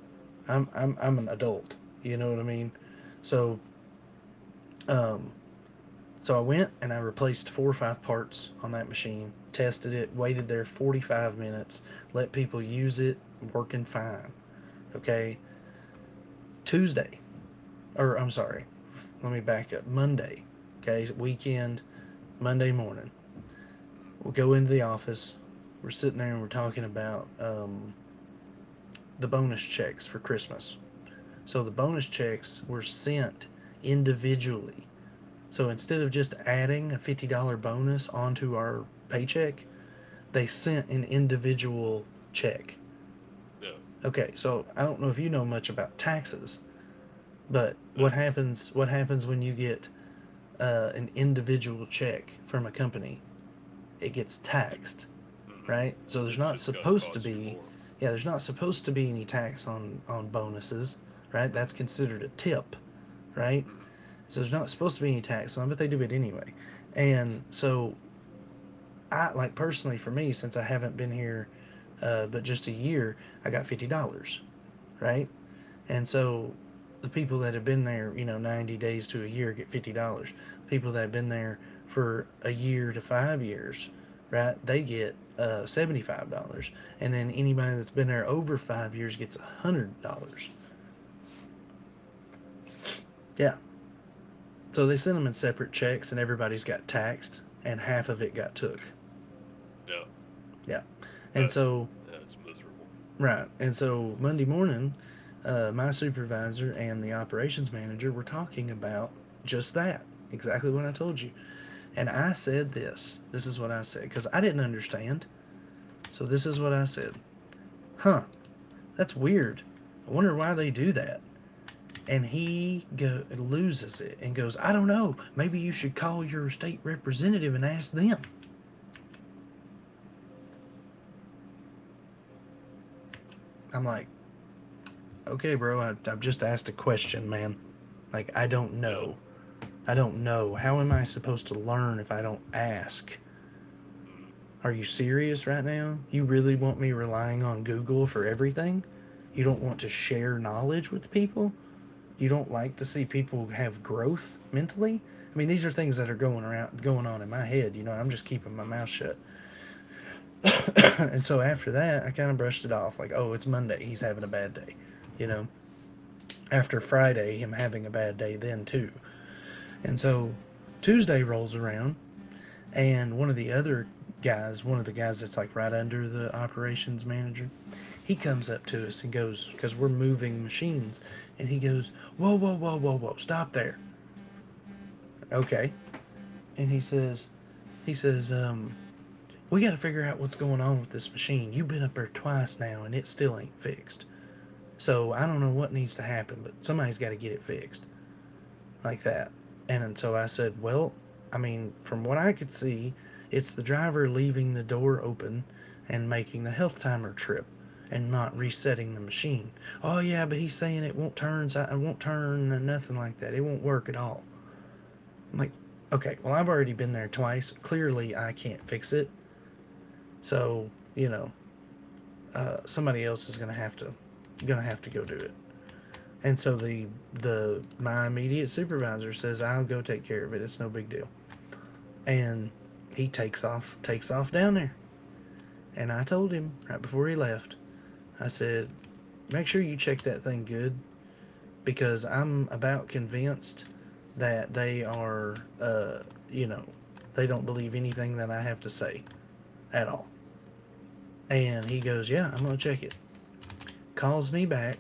[SPEAKER 1] I'm, I'm, I'm an adult, you know what I mean? So, um, so I went and I replaced four or five parts on that machine, tested it, waited there forty five minutes, let people use it, working fine. Okay. Tuesday, or I'm sorry, let me back up. Monday, okay, weekend, Monday morning,
[SPEAKER 2] mm,
[SPEAKER 1] we'll go into the office. We're sitting there and we're talking about, um, the bonus checks for Christmas. So the bonus checks were sent individually. So instead of just adding a fifty dollar bonus onto our paycheck, they sent an individual check.
[SPEAKER 2] yeah,
[SPEAKER 1] Okay, so I don't know if you know much about taxes, but what
[SPEAKER 2] that's
[SPEAKER 1] happens what happens when you get uh, an individual check from a company? It gets
[SPEAKER 2] it,
[SPEAKER 1] taxed,
[SPEAKER 2] mhm.
[SPEAKER 1] right? So there's
[SPEAKER 2] It's
[SPEAKER 1] not
[SPEAKER 2] just gonna
[SPEAKER 1] supposed to
[SPEAKER 2] cost you
[SPEAKER 1] be,
[SPEAKER 2] more.
[SPEAKER 1] yeah,
[SPEAKER 2] (laughs)
[SPEAKER 1] there's not supposed to be any tax on on bonuses, right? That's
[SPEAKER 2] Mhm,
[SPEAKER 1] considered a tip, right?
[SPEAKER 2] mhm,
[SPEAKER 1] So there's not supposed to be any tax on, but they do it anyway. And so I, like personally for me, since I haven't been here, uh, but just a year, I got fifty dollars, right? And
[SPEAKER 2] mhm.
[SPEAKER 1] so, the people that have been there, you know, ninety days to a year get fifty dollars. People that have been there for a year to five years, right? They get uh, seventy five dollars, and then anybody that's been there over five years gets one hundred dollars. Yeah. So they sent them in separate checks, and everybody's got taxed, and half of it got took.
[SPEAKER 2] Yeah,
[SPEAKER 1] Yeah. And
[SPEAKER 2] that,
[SPEAKER 1] so
[SPEAKER 2] yeah, it's miserable.
[SPEAKER 1] Right. And so Monday
[SPEAKER 2] That's,
[SPEAKER 1] morning, uh, my supervisor and the operations manager were talking about just that, exactly what I
[SPEAKER 2] mhm,
[SPEAKER 1] told you. And I
[SPEAKER 2] mhm,
[SPEAKER 1] said this. This is what I said because I didn't understand. So this is what I said. Huh. That's weird. I wonder why they do that. And he go, loses it and goes, I don't know. Maybe you should call your state representative and ask them. I'm like, okay, bro, I, I've just asked a question, man. Like, I don't
[SPEAKER 2] yeah,
[SPEAKER 1] know. I don't know. How am I supposed to learn if I don't ask?
[SPEAKER 2] mhm,
[SPEAKER 1] Are you serious right now? You really want me relying on Google for everything? You don't want to share knowledge with people? You don't like to see people have growth mentally? I mean, these are things that are going around, going on in my head. You know, I'm just keeping my mouth
[SPEAKER 2] mhm,
[SPEAKER 1] shut. And so after that, I kind of brushed it off, like, oh, it's Monday. He's having a bad day. You know, After Friday, him having a bad day then too. And so Tuesday rolls around, and one of the other guys, one of the guys that's like right under the operations manager, he comes
[SPEAKER 2] mhm,
[SPEAKER 1] up to us and goes, because we're moving machines, and he goes, whoa, whoa, whoa, whoa, whoa, stop there. Okay. And he says, he says, um, we got to figure out what's going on with this machine. You've been up there twice now, and it still ain't fixed. So I don't know what needs to happen, but somebody's got to get it fixed. Like that. And so I said, well, I mean, from what I could see, it's the driver leaving the door open and making the health timer trip and not
[SPEAKER 2] mhm,
[SPEAKER 1] resetting the machine. Oh, yeah, but he's saying it won't turn, si- it won't turn, and nothing like that. It won't work at all. I'm like, okay, well, I've already been there twice. Clearly, I can't fix it. So, you know, uh, somebody else is going to have to gonna have to go do it. And so the the my immediate supervisor says I'll go take care of it. It's no big deal. And he takes off, takes off down there. And I told him right before he left, I said, make sure you check that thing good because I'm about convinced that they are, uh, you know, they don't believe anything that I have to say at all. And he goes, yeah, I'm going to check it. Calls me back,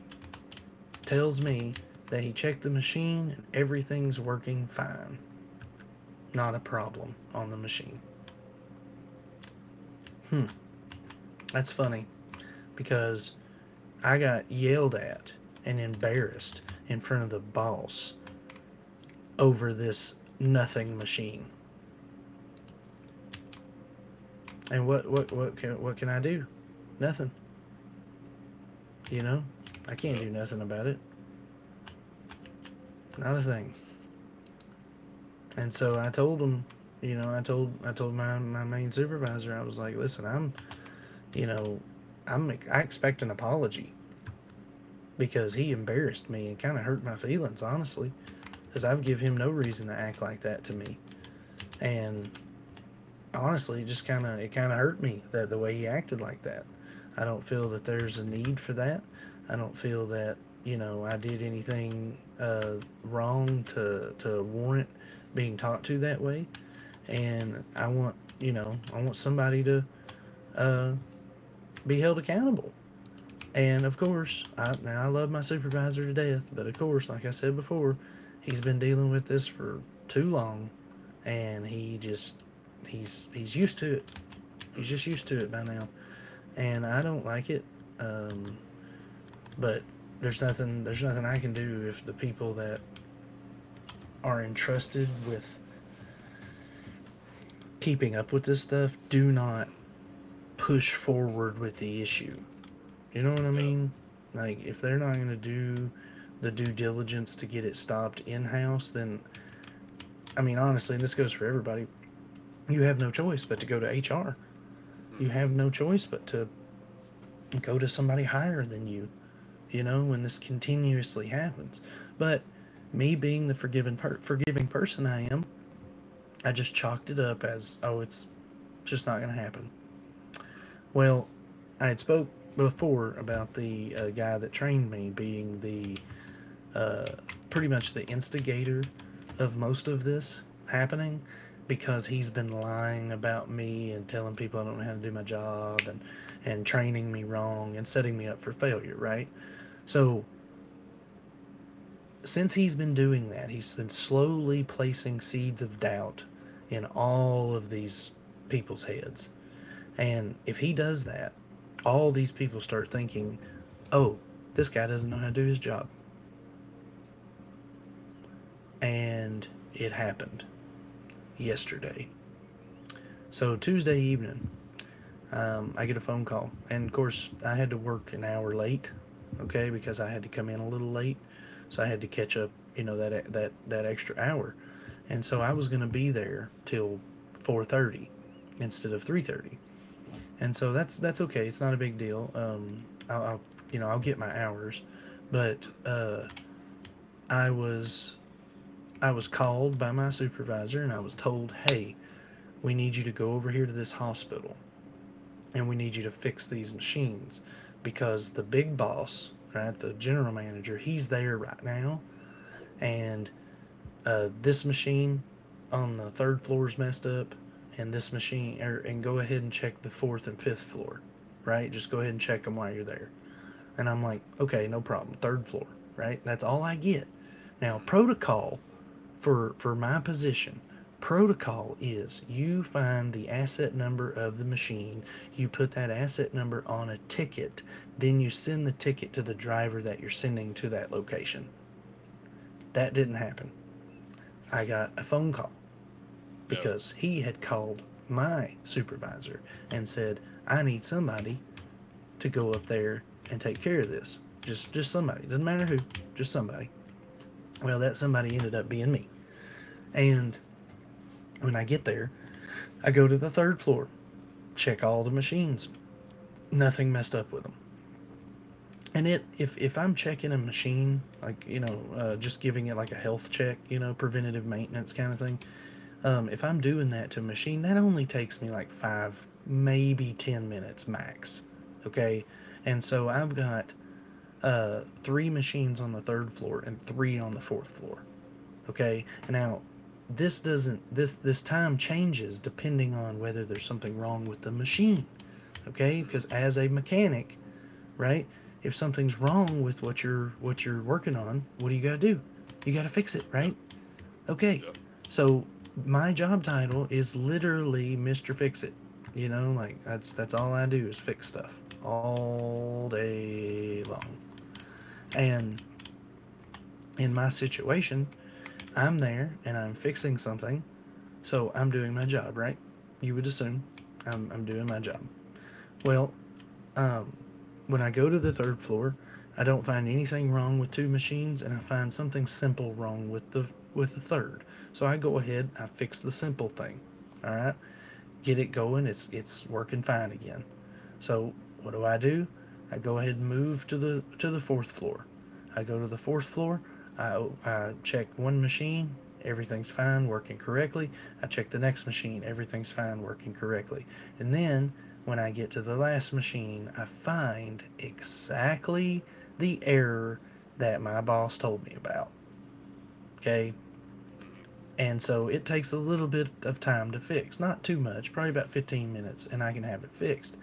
[SPEAKER 1] tells me that he checked the machine and everything's working fine. Not a problem on the machine. Hmm, that's funny because I got yelled at and embarrassed in front of the boss over this nothing machine. And what what what can what can I do? Nothing. You know, I can't do
[SPEAKER 2] yeah,
[SPEAKER 1] nothing about it. Not a thing. And so I told him, you know, I told I told my my main supervisor, I was like, listen, I'm, you know, I'm I expect an apology because he embarrassed me and kind of hurt my feelings, honestly, because I've give him no reason to act like that to me. And honestly, just kind of it kind of hurt me that the way he acted like that. I don't feel that there's a need for that. I don't feel that you know I did anything uh, wrong to to warrant being talked to that way. And I want you know I want somebody to uh, be held accountable. And of course, I now I love my supervisor to death, but of course, like I said before, he's been dealing with this for too long, and he just he's he's used to it. He's
[SPEAKER 2] mhm,
[SPEAKER 1] just used to it by now, and I don't like it. Um, but there's nothing there's nothing I can do if the people that are entrusted with keeping up with this stuff do not
[SPEAKER 2] mhm,
[SPEAKER 1] push forward with the issue. You know what I
[SPEAKER 2] yeah,
[SPEAKER 1] mean? Like if they're not going to do the due diligence to get it stopped in house, then I mean honestly, and this goes for everybody. You have no choice but to go to H R. You
[SPEAKER 2] mhm,
[SPEAKER 1] have no choice but to go to somebody higher than you, you know, when this continuously happens. But me being the forgiving per- forgiving person I am, I just chalked it up as, oh, it's just not going to happen.
[SPEAKER 2] mhm,
[SPEAKER 1] Well, I had spoke before about the uh, guy that trained me being the uh, pretty much the instigator of most of this happening because he's been lying about me and telling people I don't know how to do my job and and training me wrong and setting me up for failure, right?
[SPEAKER 2] mhm, mhm, mhm, mhm,
[SPEAKER 1] So since he's been doing that, he's been slowly placing seeds of doubt in all of these people's heads. And if he does that, all these people start thinking, oh, this guy doesn't know how to do his job. And it happened yesterday. So Tuesday evening, um, I get a phone call. And of course, I had to work an hour late, okay, because I had to come in a little late. So I had to catch up, you know, that that that extra hour. And so I was going to be there till four thirty instead of three thirty. And so that's that's okay. It's not a big deal. Um, I'll, I'll you know I'll get my hours, but uh, I was I was called by my supervisor and I was told, hey, we need you to go over here to this hospital and we need you to fix these machines because the big boss, right, the general manager, he's there right now, and uh, this machine on the third floor is messed up, and this machine, er, and go ahead and check the fourth and fifth floor, right? Just go ahead and check them while you're there. And I'm like, okay, no problem. Third floor, right? That's all I get.
[SPEAKER 2] mhm,
[SPEAKER 1] Now,
[SPEAKER 2] mhm,
[SPEAKER 1] protocol for for my position, protocol is you find the asset number of the machine, you put that asset number on a ticket, then you send the ticket to the driver that you're sending to that location. That didn't happen. I got a phone call
[SPEAKER 2] yeah,
[SPEAKER 1] because he had called my supervisor and said I need somebody to go up there and take care of this, just just somebody, doesn't matter who, just somebody. Well, that somebody ended up being me. And when I get there, I go to the third floor, check all the machines. Nothing messed up with them. And it, if if I'm checking a machine, like you know, uh, just giving it like a health check, you know, preventative maintenance kind of thing. Um, if I'm doing that to a machine, that only takes me like five, maybe ten minutes max. Okay, and so I've got uh, three machines on the third floor and three on the fourth floor. Okay. Now, this doesn't this this time changes depending on whether there's something wrong with the machine. Okay?
[SPEAKER 2] mhm,
[SPEAKER 1] Because as a mechanic, right? If something's wrong with what you're what you're working on, what do you got to do? You got to fix it,
[SPEAKER 2] yeah,
[SPEAKER 1] right? Okay.
[SPEAKER 2] yeah,
[SPEAKER 1] So, my job title is literally Mister Fix It. You know, like that's that's all I do is fix stuff all day long. And in my situation, I'm there and I'm fixing something. So I'm doing my job, right? You would assume I'm, I'm doing my job. Well, um, when I go to the third floor, I don't find anything wrong with two machines, and I find something simple wrong with the with the third. So I go
[SPEAKER 2] mhm,
[SPEAKER 1] ahead, I fix the simple thing. All right, get it going. It's it's working fine again. So what do I do? I go ahead and move to the to the fourth floor. I go to the fourth floor. I, I check one machine. Everything's fine, working correctly. I check the next machine. Everything's fine, working correctly. And then when I get to the last machine, I find exactly the error that my boss told me about. Okay.
[SPEAKER 2] mhm,
[SPEAKER 1] And so it takes a little bit of time to fix, not too much, probably about fifteen minutes, and I can have it fixed.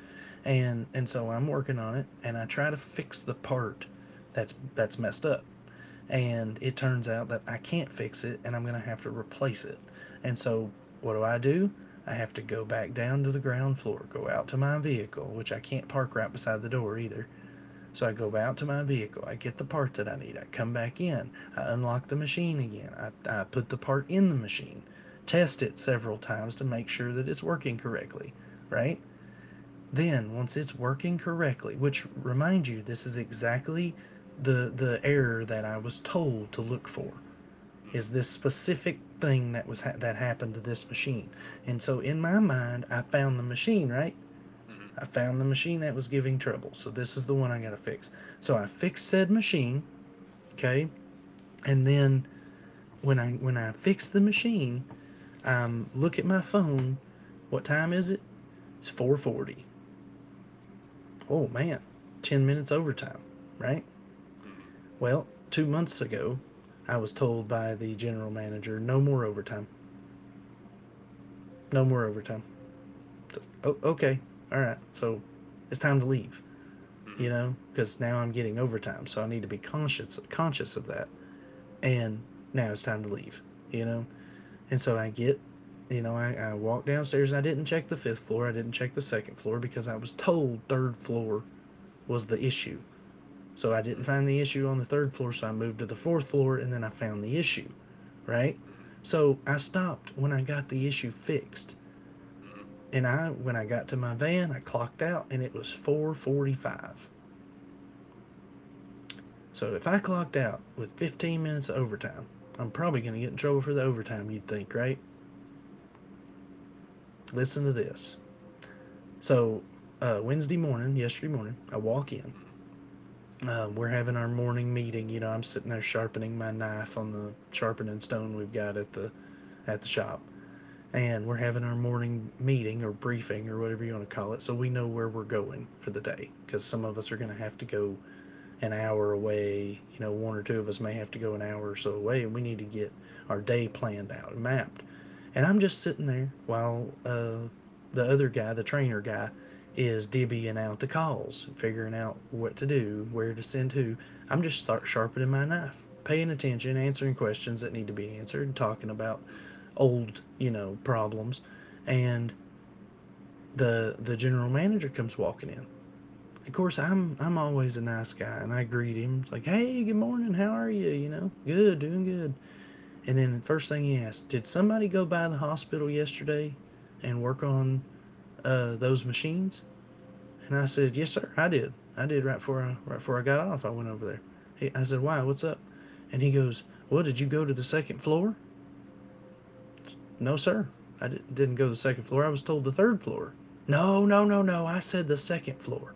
[SPEAKER 1] And and so I'm working on it, and I try to fix the part that's that's messed up. And it turns out that I can't fix it, and I'm gonna have to replace it. And so what do I do? I have to go back down to the ground floor, go out to my vehicle, which I can't park right beside the door either, so I go
[SPEAKER 2] mhm,
[SPEAKER 1] out to my vehicle, I get the part that I need, I come back in, I unlock the machine again, I, I put the part in the machine, test it several times to make sure that it's working correctly, right? Then, once it's working correctly, which remind you, this is exactly the, the error that I was told to look for
[SPEAKER 2] mhm,
[SPEAKER 1] is
[SPEAKER 2] mhm,
[SPEAKER 1] this specific thing that was ha- that happened to this machine. And so in my mind, I found the machine, right?
[SPEAKER 2] mhm, mhm, mhm,
[SPEAKER 1] I found the machine that was giving trouble. So this is the one I got to fix. So I fixed said machine, okay? And then when I when I fix the machine, I um look at my phone. What time is it? It's four forty. Oh man, ten minutes overtime, right?
[SPEAKER 2] mhm,
[SPEAKER 1] Well, two months ago, I was told by the general manager, no more overtime. No more overtime. So, oh, okay. All right. So it's time to leave, you
[SPEAKER 2] mhm,
[SPEAKER 1] know, because now I'm getting overtime. So I need to be conscious conscious of that. And now it's time to leave, you know? And so I get, you know, I, I walk downstairs and I didn't check the fifth floor. I didn't check the second floor because I was told third floor was the issue. So I didn't find the issue on the third floor, so I moved to the fourth floor and then I found the issue, right? So I stopped when I got the issue fixed.
[SPEAKER 2] mhm,
[SPEAKER 1] And I when I got to my van, I clocked out and it was four forty-five. So if I clocked out with fifteen minutes of overtime, I'm probably going to get in trouble for the overtime, you'd think, right? Listen to this. So uh, Wednesday morning, yesterday morning, I walk in. Um, we're having our morning meeting. You know, I'm sitting there sharpening my knife on the sharpening stone we've got at the at the shop, and we're having our morning meeting or briefing or whatever you want to call it, so we know where we're going for the day. Because some of us are going to have to go an hour away. You know, one or two of us may have to go an hour or so away, and we need to get our day planned out and mapped. And I'm just sitting there while uh, the other guy, the trainer guy, is divvying out the calls, figuring out what to do, where to send who. I'm just start sharpening my knife, paying attention, answering questions that need to be answered, talking about
[SPEAKER 2] mhm,
[SPEAKER 1] old, you know, problems. And the the general manager comes walking in. Of course, I'm I'm always a nice guy and I greet him. It's like, hey, good morning, how are you? You know, good, doing good. And then the first thing he asked, did somebody go by the hospital yesterday and work on uh, those machines? And I said, yes, sir, I did. I did right before I right before I got off. I went over there. He, I said, why? What's up? And he goes, well, did you go to the second floor? No, sir. I di- didn't go to the second floor. I was told the third floor. No, no, no, no. I said the second floor.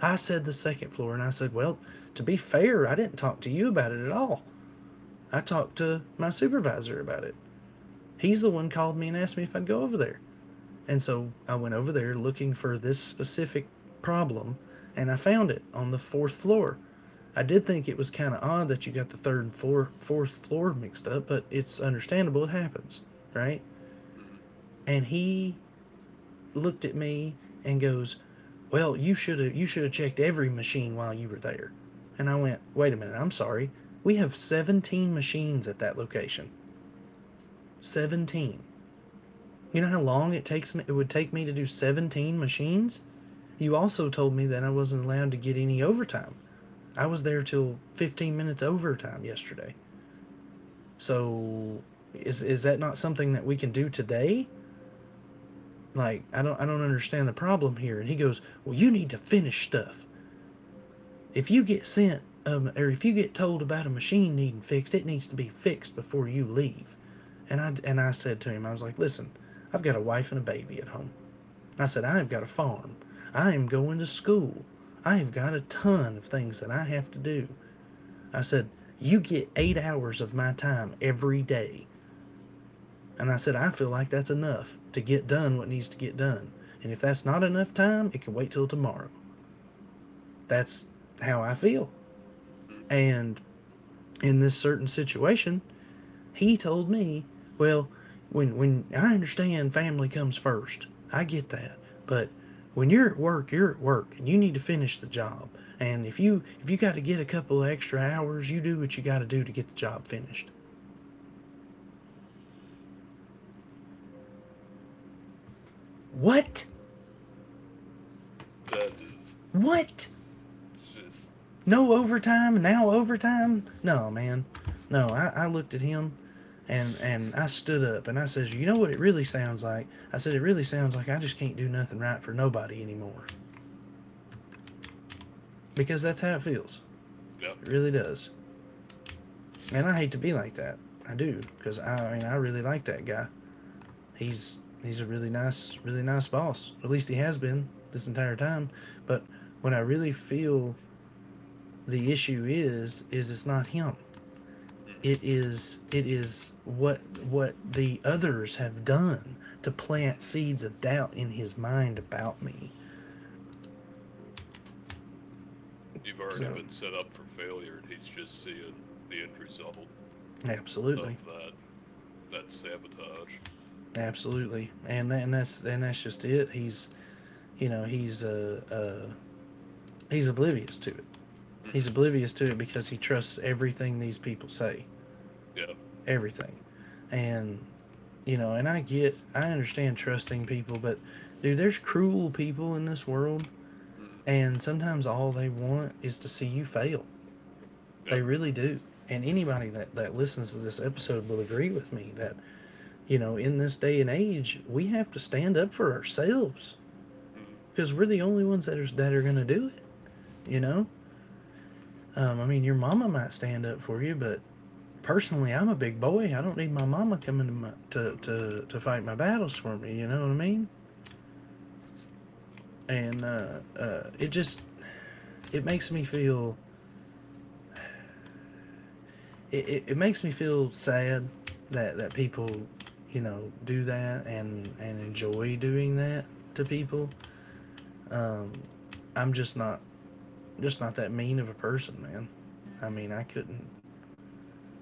[SPEAKER 1] I said the second floor, and I said, well, to be fair, I didn't talk to you about it at all. I talked to my supervisor about it. He's the one called me and asked me if I'd go over there. And so I went over there looking for this specific problem, and I found it on the fourth floor. I did think it was kind of odd that you got the third and four, fourth floor mixed up, but it's understandable. It happens, right?
[SPEAKER 2] mhm,
[SPEAKER 1] And he looked at me and goes, "Well, you should have you should have checked every machine while you were there." And I went, "Wait a minute, I'm sorry. We have seventeen machines at that location. seventeen. You know how long it takes me it would take me to do seventeen machines? You also told me that I wasn't allowed to get any overtime. I was there till fifteen minutes overtime yesterday. So is is that not something that we can do today? Like I don't I don't understand the problem here." And he goes, "Well, you need to finish stuff. If you get sent, um, or if you get told about a machine needing fixed, it needs to be fixed before you leave." And I and I said to him, I was like, listen, I've got a wife and a baby at home. I said, I have got a farm. I am going to school. I have got a ton of things that I have to do. I said, you get eight hours of my time every day. And I said, I feel like that's enough to get done what needs to get done. And if that's not enough time, it can wait till tomorrow. That's how I feel.
[SPEAKER 2] mhm.
[SPEAKER 1] And in this certain situation, he told me, well, when when I understand family comes first. I get that. But when you're at work, you're at work and you need to finish the job. And if you if you got to get a couple of extra hours, you do what you got to do to get the job finished. What?
[SPEAKER 2] That is.
[SPEAKER 1] What?
[SPEAKER 2] Just.
[SPEAKER 1] No overtime, now overtime? No, man. No, I, I looked at him and and I
[SPEAKER 2] (laughs)
[SPEAKER 1] stood up and I says, "You know what it really sounds like?" I said, "It really sounds like I just can't do nothing right for nobody anymore," because that's how it feels.
[SPEAKER 2] (sighs) Yeah.
[SPEAKER 1] It really does. And I hate to be like that. I do because
[SPEAKER 2] Mm,
[SPEAKER 1] I, I mean I really like that guy. He's he's a really nice really nice boss. At least he has been this entire time. But when I really feel the issue is is it's not him. It
[SPEAKER 2] mhm,
[SPEAKER 1] is it is what what the others have done to
[SPEAKER 2] mhm,
[SPEAKER 1] plant
[SPEAKER 2] mhm.
[SPEAKER 1] seeds of doubt in his mind about me.
[SPEAKER 2] You've already
[SPEAKER 1] So
[SPEAKER 2] been set up for failure, and he's just seeing the end result
[SPEAKER 1] absolutely,
[SPEAKER 2] of that that sabotage.
[SPEAKER 1] absolutely, and and that's and that's just it. He's, you know he's uh, uh he's oblivious to it. he's
[SPEAKER 2] Mhm,
[SPEAKER 1] oblivious to it because he trusts everything these people say,
[SPEAKER 2] yeah.
[SPEAKER 1] everything. And, you know and I get, I understand trusting people, but dude, there's cruel people in this world,
[SPEAKER 2] Mm. Mhm,
[SPEAKER 1] and sometimes all they want is to see you fail.
[SPEAKER 2] yeah.
[SPEAKER 1] They really do. And anybody that, that listens to this episode will agree with me that, you know, in this day and age we have to stand up for ourselves,
[SPEAKER 2] Mhm,
[SPEAKER 1] because we're the only ones that are, that are going to do it, you know. Um, I mean, your mama might stand up for you, but personally, I'm a big boy. I don't need my mama coming to my, to,
[SPEAKER 2] mhm,
[SPEAKER 1] to to fight my battles for me. You know what I mean? And uh, uh, it just it makes me feel it, it, it makes me feel sad that that people, you know, do that and and
[SPEAKER 2] mhm,
[SPEAKER 1] enjoy doing that to people. Um, I'm just not, just not that mean of a person, man. I mean, I couldn't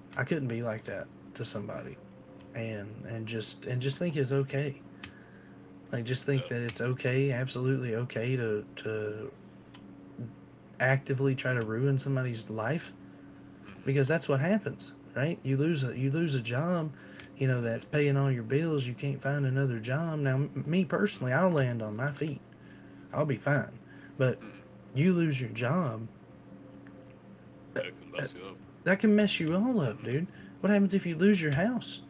[SPEAKER 1] I couldn't be like that to somebody
[SPEAKER 2] mhm,
[SPEAKER 1] and and just and just think it's okay. Like, just think
[SPEAKER 2] yeah.
[SPEAKER 1] that it's okay, absolutely okay, to to actively try to ruin somebody's life,
[SPEAKER 2] Mhm,
[SPEAKER 1] because that's what happens, right? You lose a you lose a job, you know,
[SPEAKER 2] mm,
[SPEAKER 1] that's
[SPEAKER 2] mhm,
[SPEAKER 1] paying all your bills. You can't find another job. Now, m- me personally,
[SPEAKER 2] mhm,
[SPEAKER 1] I'll land on my feet. I'll be fine, but
[SPEAKER 2] mhm.
[SPEAKER 1] you lose your job,
[SPEAKER 2] Yeah, it can
[SPEAKER 1] uh,
[SPEAKER 2] mess you up.
[SPEAKER 1] that can mess you all up,
[SPEAKER 2] Mhm,
[SPEAKER 1] dude. What happens if you lose your house?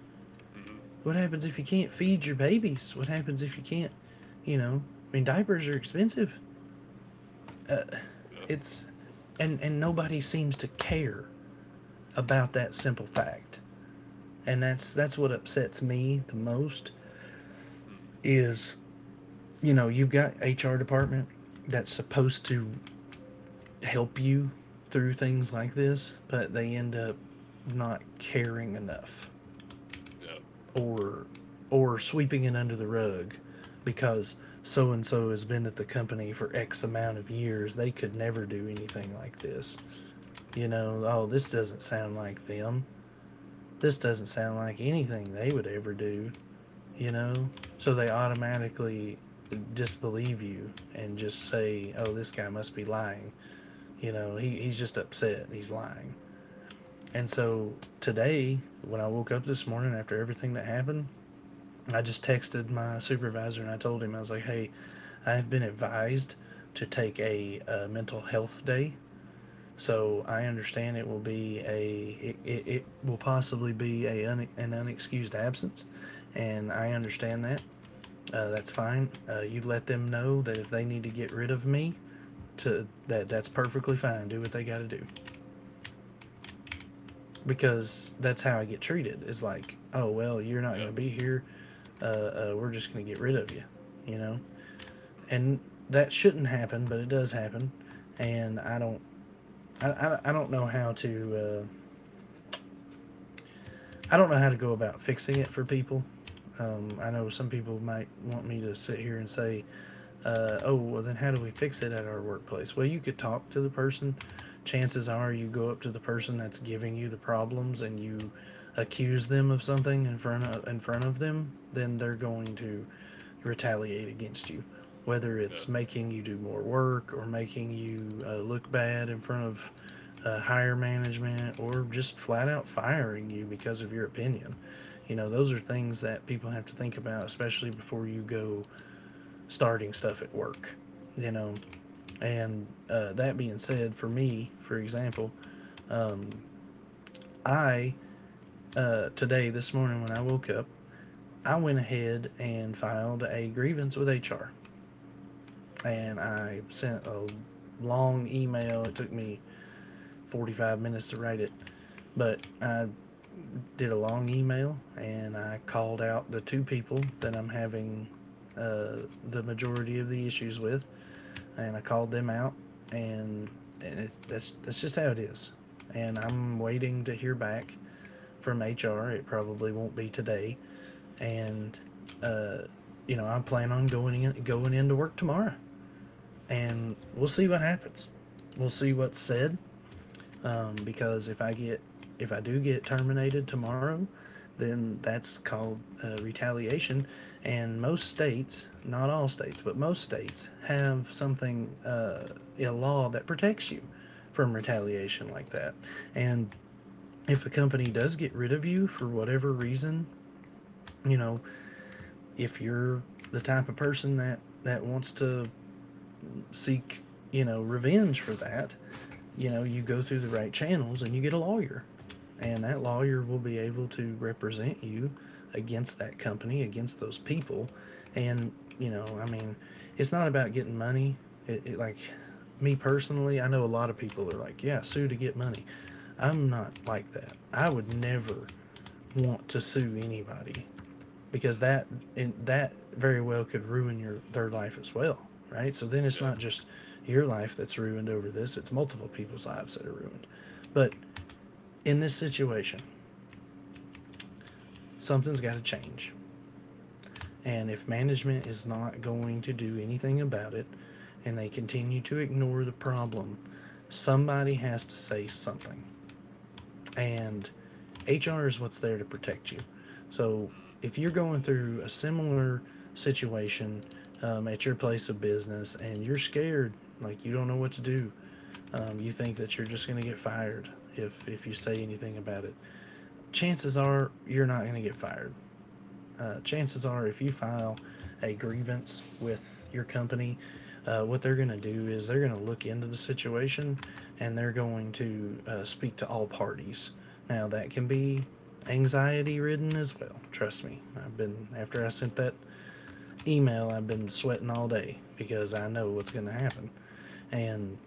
[SPEAKER 2] mhm,
[SPEAKER 1] What happens if you can't feed your babies? What happens if you can't, you know? I mean, diapers are expensive. Uh,
[SPEAKER 2] yeah.
[SPEAKER 1] It's, and and nobody seems to care
[SPEAKER 2] Mhm,
[SPEAKER 1] about that simple fact. And that's that's what upsets me the most
[SPEAKER 2] mhm,
[SPEAKER 1] is, you know, you've got H R department that's supposed to help you through things like this, but they end up not caring enough,
[SPEAKER 2] yeah.
[SPEAKER 1] or or sweeping it under the rug because so and so has been at the company for X amount of years. They could never do anything like this. You know, oh, this doesn't sound like them. This doesn't sound like anything they would ever do, you know? So they automatically disbelieve you and just say, oh, this guy must be lying. You know, he, he's just upset. He's lying. And
[SPEAKER 2] Mhm,
[SPEAKER 1] so today, when I woke up this morning after everything that happened, I just texted my supervisor and I told him, I was like, hey, I have been advised to take a, uh mental health day, so I understand it will be a it, it, it will possibly be a un, an unexcused absence, and I understand that. Uh, that's fine. Uh, you let them know that if they need to get rid of me, to that that's perfectly fine. Do what they got to do, because that's how I get treated. It's like, oh well, you're not going
[SPEAKER 2] yeah.
[SPEAKER 1] to be here. Uh, uh, we're just going to get rid of you, you know.
[SPEAKER 2] Mhm,
[SPEAKER 1] And that shouldn't happen, but it does happen. And I don't, I, I, I don't know how to. Uh, I don't know how to go about fixing it for people. Um, I know some people might want me to sit here and say, uh, oh, well, then how do we fix it at our workplace? Well, you could talk to the person. Chances are you go up to the person that's giving you the problems and you accuse them of something in front of, in front of them, then they're going to retaliate against you. Whether
[SPEAKER 2] yeah.
[SPEAKER 1] it's making you do more work or making you uh, look bad in front of uh, higher management, or just flat out firing you because of your opinion. You know, those are things that people have to think about, especially before you go starting stuff at work, you know. And uh, That being said, for me, for example, I uh, today this morning when I woke up, I went ahead and filed a grievance with H R,
[SPEAKER 2] Mhm,
[SPEAKER 1] and I sent a long email. It took me forty-five minutes to write it, but I did a long email and I called out the two people that I'm having uh, the majority of the issues with, and I called them out, and and it, that's that's just how it is. And I'm waiting to hear back from H R. It probably won't be today, and uh, you know, I plan on going in going into work tomorrow,
[SPEAKER 2] mhm,
[SPEAKER 1] and we'll see what happens. We'll see what's said, because if I get if I do get terminated tomorrow, then that's called uh, retaliation. And most states, not all states, but most states have something uh, a law that protects you from
[SPEAKER 2] mhm,
[SPEAKER 1] retaliation like that. And if a company does get rid of you for whatever reason, you know, if you're the type of person that that wants to seek, you know, revenge for that, you know, you go through the right channels and you get a lawyer. And that lawyer will be able to represent you against that company, against those people. And, you know, I mean, it's not about getting money. It, it, like, me personally, I know a lot of people are like, yeah, sue to get money. I'm not like that. I would never want to sue anybody because
[SPEAKER 2] mhm,
[SPEAKER 1] that and that very well could ruin your their life as well, right? So then it's
[SPEAKER 2] yeah.
[SPEAKER 1] not just your life that's ruined over this; it's multiple people's lives that are ruined. But in this situation, something's got to change, and if management is not going to do anything about it, and they continue to ignore the problem, somebody has to say something. And H R is what's there to protect you. So
[SPEAKER 2] Mm,
[SPEAKER 1] if you're going through a similar situation um, at your place of business and you're scared, like you don't know what to do, um, you think that you're just going to get fired if if you say anything about it. Chances are you're not going to get fired uh, Chances are, if you file a grievance with your company, uh, what they're going to do is they're going to look into the situation and they're going to uh, speak to all parties. Now, that can be anxiety ridden as well. Trust me. I've been, after I sent that email, I've been sweating all day because I know what's going to happen. And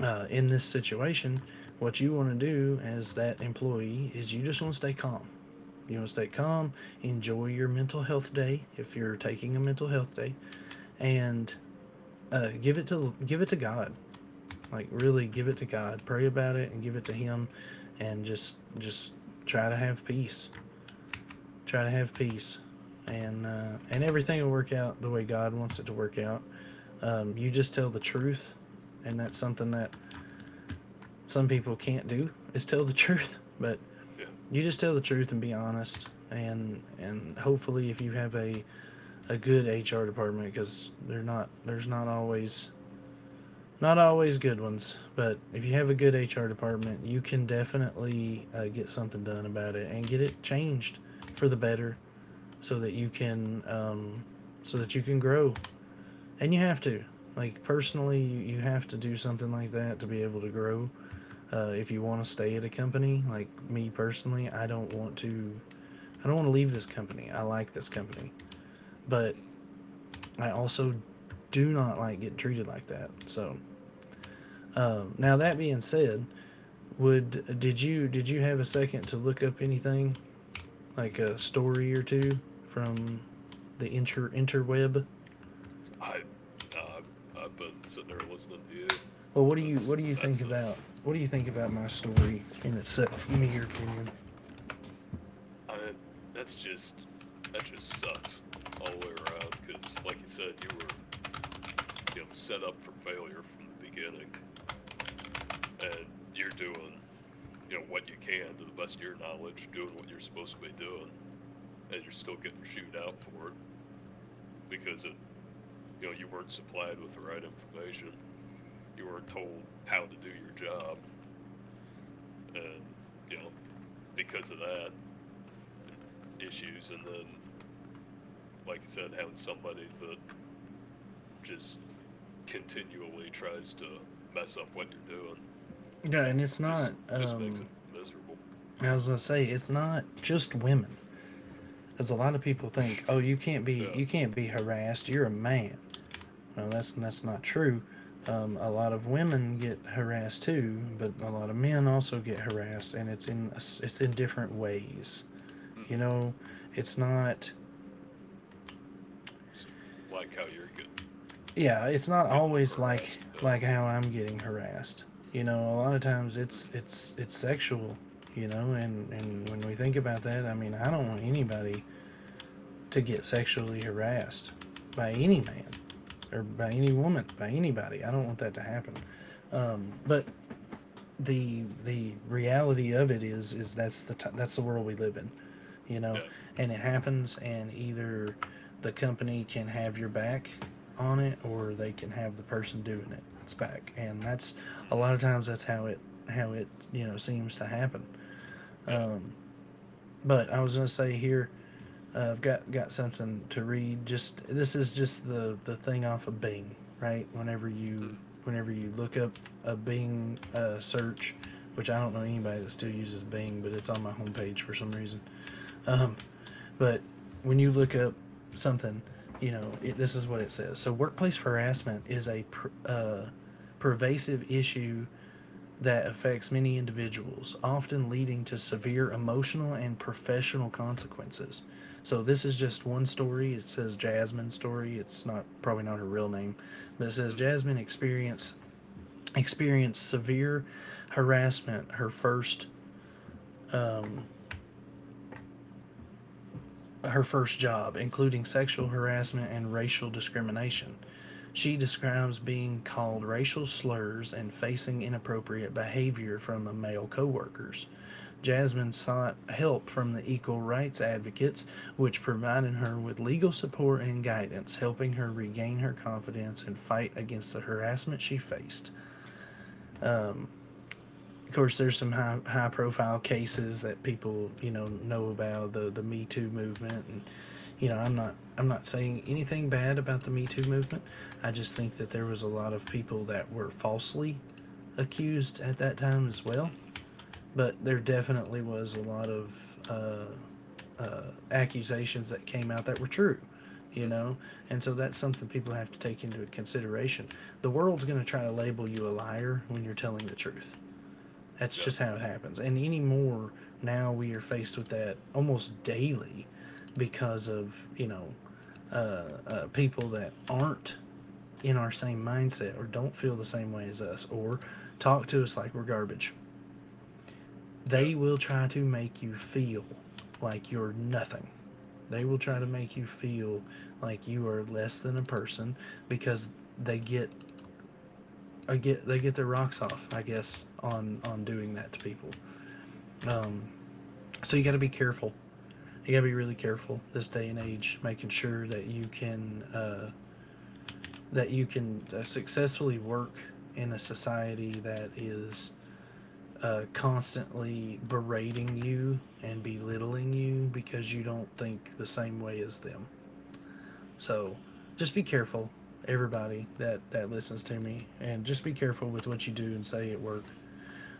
[SPEAKER 1] uh, In this situation, what you want to do as that employee is you just want to stay calm. You want to stay calm, enjoy your mental health day if you're taking a mental health day, and uh, give it to give it to God. Like really, give it to God. Pray about it and give it to
[SPEAKER 2] mhm,
[SPEAKER 1] Him, and just just try to have peace. Try to have peace, and uh, and everything will work out the way God wants it to work out. Um, you just tell the truth, and that's something that some people can't do is tell the (laughs) truth. But
[SPEAKER 2] yeah.
[SPEAKER 1] you just tell the truth and be honest. And and hopefully, if you have a, a good H R department, because they're not there's not always not always good ones, but if you have a good H R department, you can definitely uh, get something done about it and get it changed for the better, so that you can um, so that you can grow. And you have to like personally, you, you have to do something like that to be able to grow uh, if you want to stay at a company like me personally. i don't want to I don't want to leave this company. I like this company, but
[SPEAKER 2] Mhm.
[SPEAKER 1] I also do not like getting treated like that. So um, now, that being said, would did you did you have a second to look up anything like a story or two from the inter interweb?
[SPEAKER 2] I Nah, I've I've been sitting there listening to you.
[SPEAKER 1] Well, what do you what
[SPEAKER 2] That's
[SPEAKER 1] do you think
[SPEAKER 2] that's a,
[SPEAKER 1] about what do you think about my story in itself? Give me your opinion.
[SPEAKER 2] I that's just, that just sucks all the way around because like you said, you were, you know, set up for failure from the beginning and you're doing, you know, what you can to the best of your knowledge, doing what you're supposed to be doing, and you're still getting chewed out for it because it you know, you weren't supplied with the right information. You weren't told how to do your job and, you know, because of that, issues, and then like you said, having somebody that just continually tries to mess up what you're doing
[SPEAKER 1] Yeah, and it's not
[SPEAKER 2] just just makes
[SPEAKER 1] um
[SPEAKER 2] it miserable.
[SPEAKER 1] as I say, it's not just women. As a lot of people think, oh, you can't
[SPEAKER 2] (laughs)
[SPEAKER 1] be
[SPEAKER 2] Yeah.
[SPEAKER 1] you can't be harassed. You're a man. No, that's that's not true. Um, a lot of women get harassed too, but a lot of men also get harassed, and it's in it's in different ways. You
[SPEAKER 2] Hmm.
[SPEAKER 1] know, it's not
[SPEAKER 2] Like how you're getting
[SPEAKER 1] yeah, it's not
[SPEAKER 2] getting
[SPEAKER 1] always like
[SPEAKER 2] harassed. Yeah.
[SPEAKER 1] like how I'm getting harassed. You know, a lot of times it's
[SPEAKER 2] Hmm,
[SPEAKER 1] it's it's sexual. You know, and
[SPEAKER 2] hmm,
[SPEAKER 1] and when we think about that, I mean, I don't want anybody to get sexually harassed by
[SPEAKER 2] hmm,
[SPEAKER 1] any man or by any woman, by anybody. I don't
[SPEAKER 2] hmm.
[SPEAKER 1] want that to happen. But the the reality of it is is that's the t- that's the world we live in, you know,
[SPEAKER 2] Yeah.
[SPEAKER 1] and it happens and either the company can have your back on it or they can have the person doing it. It's back. And that's a
[SPEAKER 2] Hmm.
[SPEAKER 1] lot of times that's how it how it, you know, seems to happen.
[SPEAKER 2] Yeah.
[SPEAKER 1] Um but I was going to say here, Uh, I've got got something to read. Just this is just the the thing off of Bing, right? Whenever you
[SPEAKER 2] Hmm,
[SPEAKER 1] whenever you look up a Bing uh, search, which I don't know anybody that still uses Bing, but it's on my homepage for some reason. Um, but when you look up something, you know it, this is what it says. So workplace harassment is a pr- uh, pervasive issue that affects many individuals, often leading to severe emotional and professional consequences. So this is just one story. It says Jasmine's story. It's not probably not her real name, but it says
[SPEAKER 2] hmm,
[SPEAKER 1] Jasmine experience experienced severe harassment her first um, her first job, including sexual harassment and racial discrimination. She describes being called racial slurs and facing inappropriate behavior from male coworkers. Jasmine sought help from the Equal Rights Advocates, which provided her with legal support and guidance, helping her regain her confidence and fight against the harassment she faced. Of course, there's some high high profile cases that people you know know about the the Me Too movement, and you know I'm not I'm not saying anything bad about the Me Too movement. I just think that there was a lot of people that were falsely accused at that time as well.
[SPEAKER 2] hmm,
[SPEAKER 1] But there definitely was a lot of uh, uh, accusations that came out that were true, you
[SPEAKER 2] hmm.
[SPEAKER 1] know, and so that's something people have to take into consideration. The world's going to try to label you a liar when you're telling the truth. That's
[SPEAKER 2] Yeah.
[SPEAKER 1] just how it happens. And anymore, now we are faced with that almost daily because of, you know, uh, uh, people that aren't in our same mindset or don't feel the same way as us or talk to us like we're garbage.
[SPEAKER 2] Yeah.
[SPEAKER 1] They will try to make you feel like you're nothing. They will
[SPEAKER 2] hmm
[SPEAKER 1] try to make you feel like you are less than a person because they get I get they get their rocks off, I guess, on on doing that to people. So you got to be careful. You gotta be really careful this day and age, making sure that you can uh, that you can uh, successfully work in a society that is uh, constantly berating you and belittling you because you don't think the same way as them. So just be careful, everybody that that listens to me, and just be careful with what you do and say at work.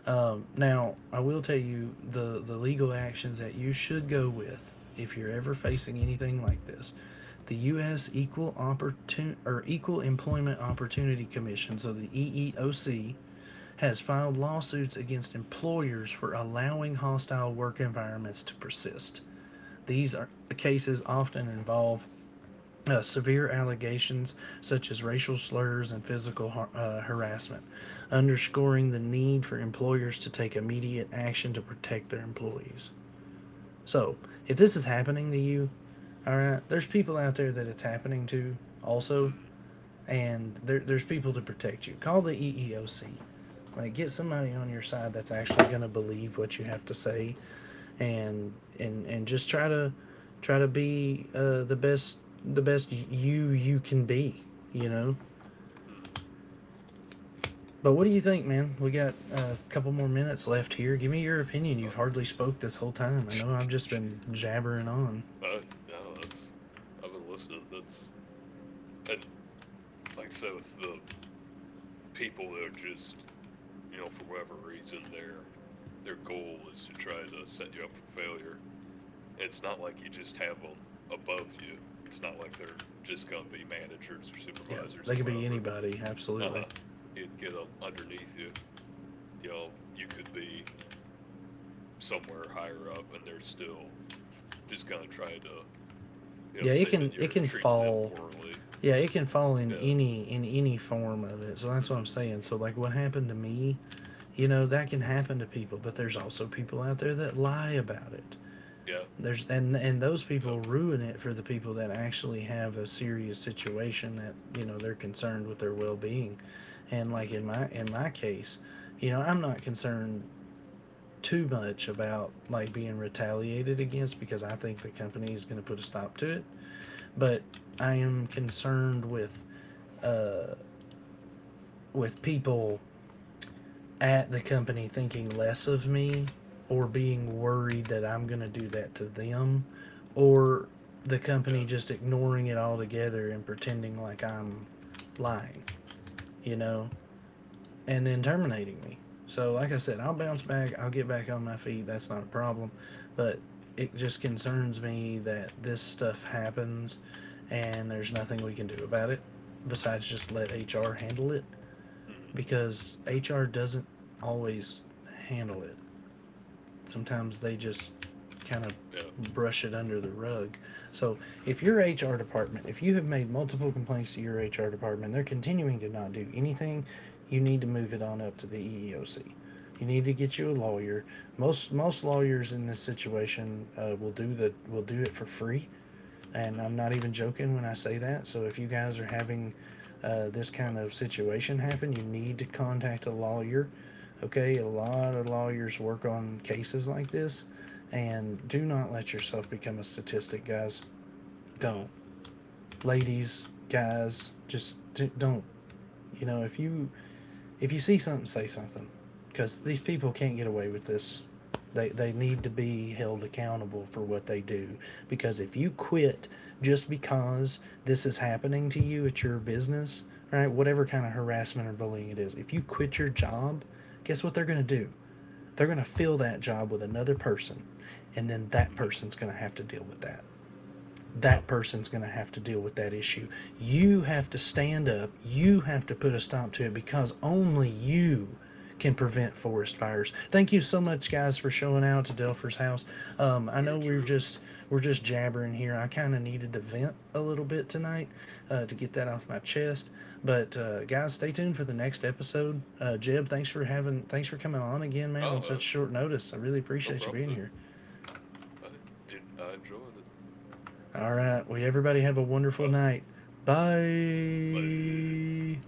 [SPEAKER 1] Um, now, I will tell you the, the legal actions that you should go with if you're ever
[SPEAKER 2] hmm
[SPEAKER 1] facing anything like this. The U S Equal Opportun- or Equal Employment Opportunity Commission, so the E E O C, has filed lawsuits against employers for allowing hostile work environments to persist. These are cases often involve uh, severe allegations such as racial slurs and physical har- uh, harassment, underscoring the need for employers to take immediate action to protect their employees. So, if this is happening to you, all right, there's people out there that it's happening to also,
[SPEAKER 2] hmm
[SPEAKER 1] and there, there's people to protect you. Call the E E O C. Like, get somebody on your side that's actually going to believe what you have to say and and and just try to try to be uh, the best the best you you can be. You know.
[SPEAKER 2] hmm
[SPEAKER 1] But what do you think, man? We got a couple more minutes left here. Give me your opinion.
[SPEAKER 2] Uh,
[SPEAKER 1] You've hardly spoke this whole time. I know I've just
[SPEAKER 2] (laughs)
[SPEAKER 1] been jabbering on.
[SPEAKER 2] uh, no, that's, I've been listening. That's, and like I said with the people that are just, you know, for whatever reason, their their goal is to try to set you up for failure. And it's not like you just have them above you. It's not like they're just gonna be managers or
[SPEAKER 1] Yeah,
[SPEAKER 2] supervisors
[SPEAKER 1] they
[SPEAKER 2] or
[SPEAKER 1] could be
[SPEAKER 2] whatever.
[SPEAKER 1] anybody. Absolutely.
[SPEAKER 2] Uh-huh. You can get them underneath you. You know, you could be somewhere higher up, and they're still just gonna try to, you know,
[SPEAKER 1] Yeah, it
[SPEAKER 2] say that
[SPEAKER 1] can it
[SPEAKER 2] you're
[SPEAKER 1] can
[SPEAKER 2] treating them
[SPEAKER 1] fall.
[SPEAKER 2] poorly.
[SPEAKER 1] Yeah, it can fall in
[SPEAKER 2] Yeah.
[SPEAKER 1] any in any form of it. So that's what I'm
[SPEAKER 2] Hmm,
[SPEAKER 1] saying. So like, what happened to me? You
[SPEAKER 2] hmm.
[SPEAKER 1] know, that can happen to people. But there's also people out there that lie about it.
[SPEAKER 2] Yeah.
[SPEAKER 1] There's and and those
[SPEAKER 2] Yep.
[SPEAKER 1] people ruin it for the people that actually have a serious situation that you know they're concerned with their well being, and like in
[SPEAKER 2] Hmm.
[SPEAKER 1] my in my case, you know I'm not concerned too much about like being retaliated against because I think the company is going to put a stop to it. But I am concerned with uh, with people at the company thinking less of me or being worried that I'm going to do that to them or the
[SPEAKER 2] Yeah.
[SPEAKER 1] company just ignoring it altogether and pretending like I'm lying, you know, and then terminating me. So, like I said, I'll bounce
[SPEAKER 2] Hmm,
[SPEAKER 1] back, I'll get back on my feet, that's not a problem. But it just concerns me that this stuff happens and there's nothing we can do about it besides just let H R handle it
[SPEAKER 2] hmm.
[SPEAKER 1] because H R doesn't always handle it. Sometimes they just kind of
[SPEAKER 2] Yeah.
[SPEAKER 1] brush it under the rug. So if
[SPEAKER 2] Hmm,
[SPEAKER 1] your H R department, if you have made multiple complaints to your H R department, they're continuing to not do anything, you need to move it on up to the E E O C. You need to get you a lawyer. Most most lawyers in this situation uh, will do the will do it for free, and
[SPEAKER 2] hmm.
[SPEAKER 1] I'm not even joking when I say that. So if you guys are having uh, this kind of
[SPEAKER 2] That's.
[SPEAKER 1] situation happen, you need to contact a lawyer. Okay, a lot of lawyers work on cases like this. And do not let yourself become a statistic, guys.
[SPEAKER 2] Hmm,
[SPEAKER 1] Don't. Ladies, guys, just don't. You know, if you if you see something, say something, because these
[SPEAKER 2] hmm,
[SPEAKER 1] people can't get away with this. They they need to be held accountable for what they do. Because if you quit just because this is happening to you at your business, right? Whatever kind
[SPEAKER 2] hmm.
[SPEAKER 1] of harassment or bullying it is, if you quit your job, guess what they're gonna do? They're gonna fill that job with another person, and then that
[SPEAKER 2] Mhm.
[SPEAKER 1] person's gonna have to deal with that
[SPEAKER 2] Yep.
[SPEAKER 1] that person's going to have to deal with that issue. You have to stand up. You have to put a stop to it because only you can prevent forest fires. Thank you so much, guys, for showing out to Delpher's house. Um, I know
[SPEAKER 2] Very
[SPEAKER 1] we're
[SPEAKER 2] true.
[SPEAKER 1] just we're just jabbering here. I kind of needed to vent a little bit tonight uh, to get that off my chest. But uh, guys, stay tuned for the next episode. Uh, Jeb, thanks for having thanks for coming on again, man,
[SPEAKER 2] Oh,
[SPEAKER 1] on
[SPEAKER 2] uh,
[SPEAKER 1] such short notice. I really
[SPEAKER 2] no
[SPEAKER 1] appreciate you
[SPEAKER 2] problem,
[SPEAKER 1] being
[SPEAKER 2] dude.
[SPEAKER 1] here.
[SPEAKER 2] I en I enjoyed it.
[SPEAKER 1] All right. Well, everybody have a wonderful
[SPEAKER 2] Uh,
[SPEAKER 1] night.
[SPEAKER 2] Bye.
[SPEAKER 1] Bye.